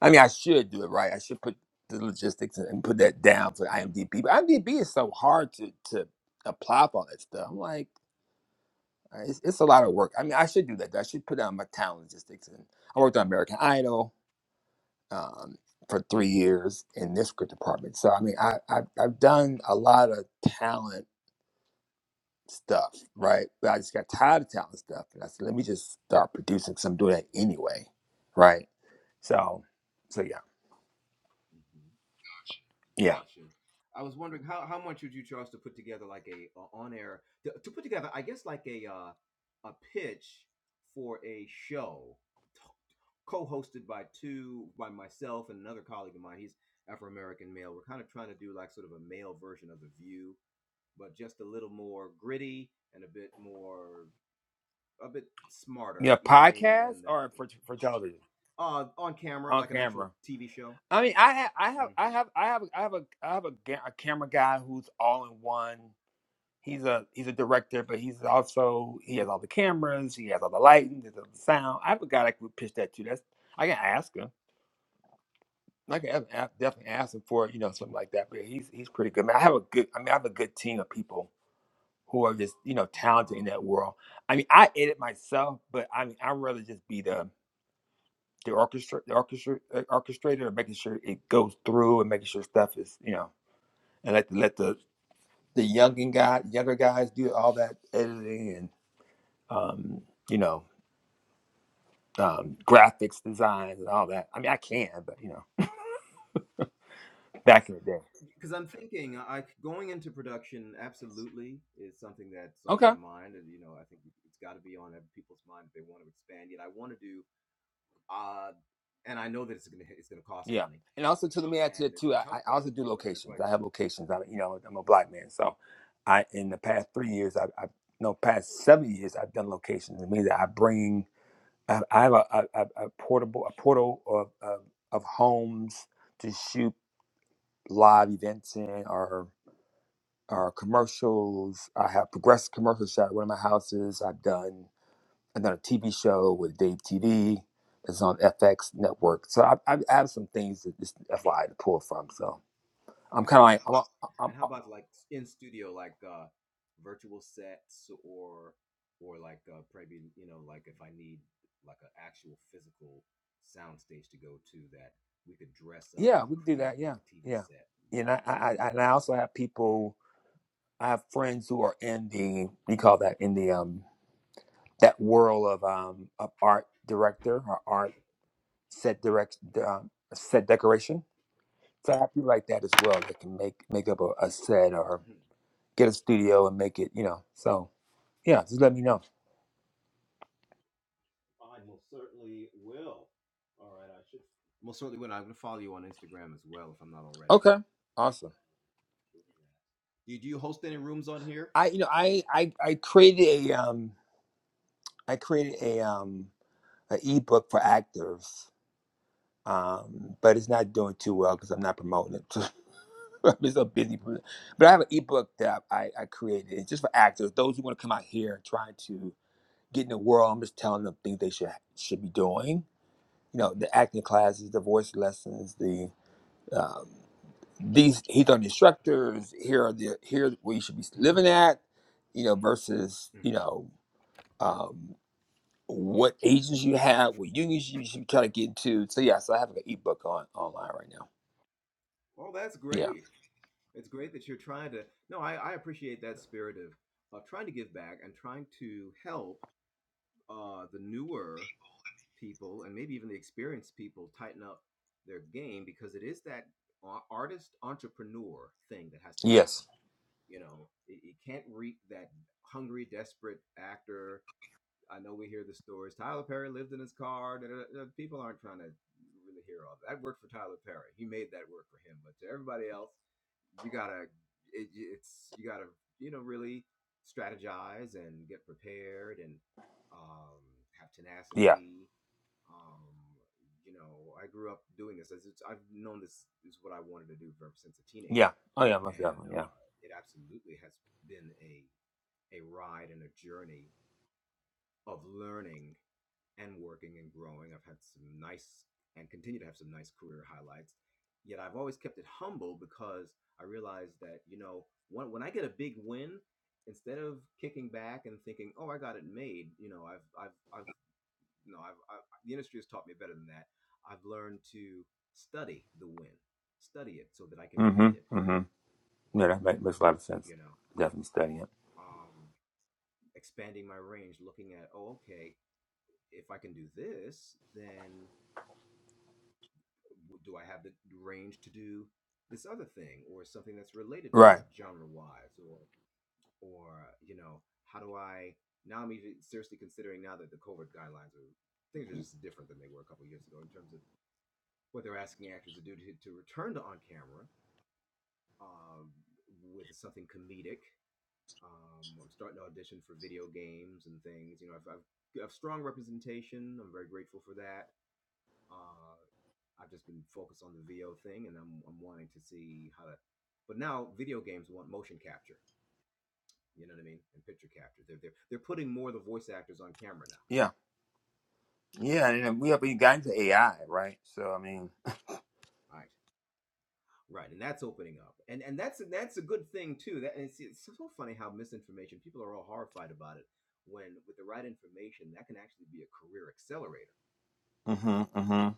I mean, I should do it right. I should put the logistics and put that down for IMDb. But IMDb is so hard to to apply for all that stuff. I'm like. Uh, It's, it's a lot of work. I mean, I should do that. I should put down my talent logistics. And I worked on American Idol um, for three years in this script department. So I mean, I, I I've done a lot of talent stuff, right? But I just got tired of talent stuff, and I said, let me just start producing. Cause I'm doing that anyway, right? So, so yeah, yeah, yeah. Podcast or for for television on camera. I mean, I have, I have, I have, I have, I have a, I have a, ga- a camera guy who's all in one. He's a he's a director, but he's also he has all the cameras, he has all the lighting, there's all the sound. I forgot I could pitch that to. That's I can ask him. I can ask- ask- definitely ask him for you know something like that. But he's he's pretty good. Man, I have a good. I mean, I have a good team of people who are just you know talented in that world. I mean, I edit myself, but I mean, I'd rather just be the the orchestra, the orchestra, uh, orchestrator, of making sure it goes through and making sure stuff is you know, and let the, let the the younger guy, younger guys do all that editing um, you know, um, graphics designs and all that. I mean, I can, but you know, back in the day. Okay. Yeah. And also, too, let me add to it too. I, I also do locations. I have locations. I, you know, I'm a black man, so I in the past three years, I, I no past seven years, I've done locations. It means that I bring, I, I have a, a, a a portable, a portal of, of of homes to shoot live events in or or commercials. I have progressive commercial shot at one of my houses. I've done and then a TV show with Dave TV that's on FX network. So I, I I have some things that just FYI to pull from. So I'm kind of like, I'm, I'm, I'm- yeah, we can do that. Yeah, yeah. You know, I, I, I- and I also have people. I have friends who are in the we call that in the um that world of um of art director or art set direct um, set decoration. So I have people like that as well that can make make up a, a set or get a studio and make it. You know, so yeah, just let me know. Okay. Awesome. I you know I I I created a um I created a um an ebook for actors. Um, but it's not doing too well because I'm not promoting it. [LAUGHS] I'm so busy. pro- But I have an ebook that I, I created. It's just for actors, those who want to come out here and try to get in the world. I'm just telling them things they should should be doing. You know, the acting classes, the voice lessons, the um, these he's on the instructors here are the here where you should be living at you know versus you know um what agents you have what unions you should try to get into so yeah so i have an ebook on online right now yeah yes yeah yeah oh yeah most definitely yeah mm-hmm mm-hmm yeah that make, makes a lot of sense definitely studying it right yeah yeah and then we have we got into ai right so i mean mm-hmm mm-hmm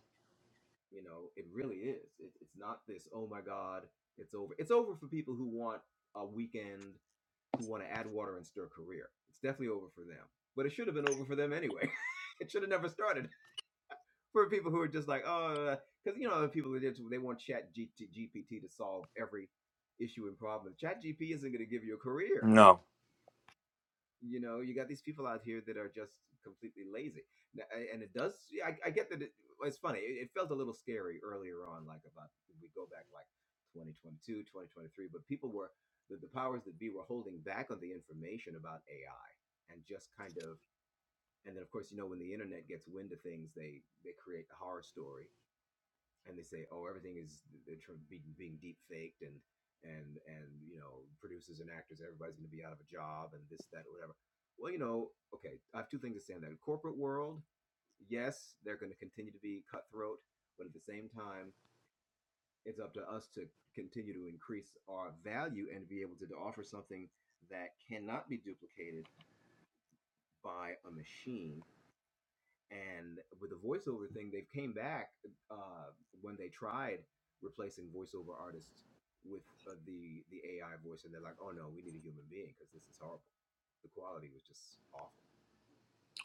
no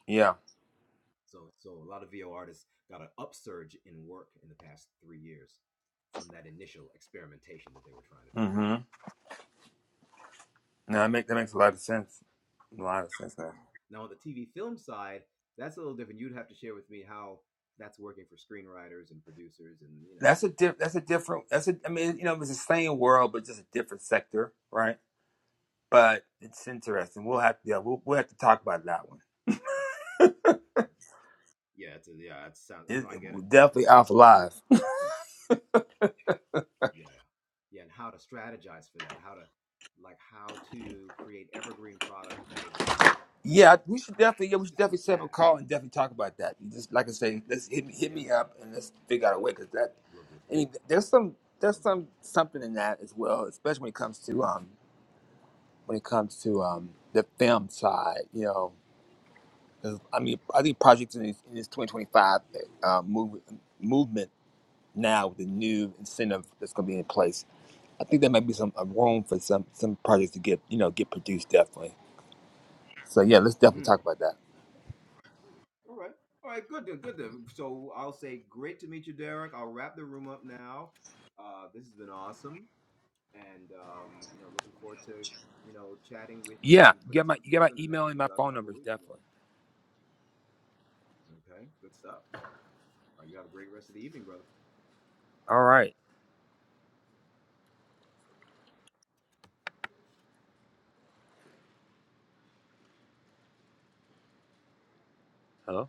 yeah Mm-hmm. No, that make that makes a lot of sense. A lot of sense now. That's a diff. That's a different. That's a. I mean, you know, it's the same world, but just a different sector, right? But it's interesting. We'll have to. Yeah, we'll, we'll have to talk about that one. It, it will definitely off live. Yeah, we should definitely. Yeah, we should definitely set up a call and definitely talk about that. You Just like I say, let's hit me hit me up and let's figure out a way because that. I mean, there's some there's some something in that as well, especially when it comes to um when it comes to um the film side, you know. 'Cause, I mean, I think projects in this, in this 2025 uh, move, movement now with the new incentive that's going to be in place, I think there might be some uh, room for some some projects to get you know get produced definitely. So yeah, let's definitely talk about that. Yeah, you got my you got my email and my phone numbers definitely. All right, hello.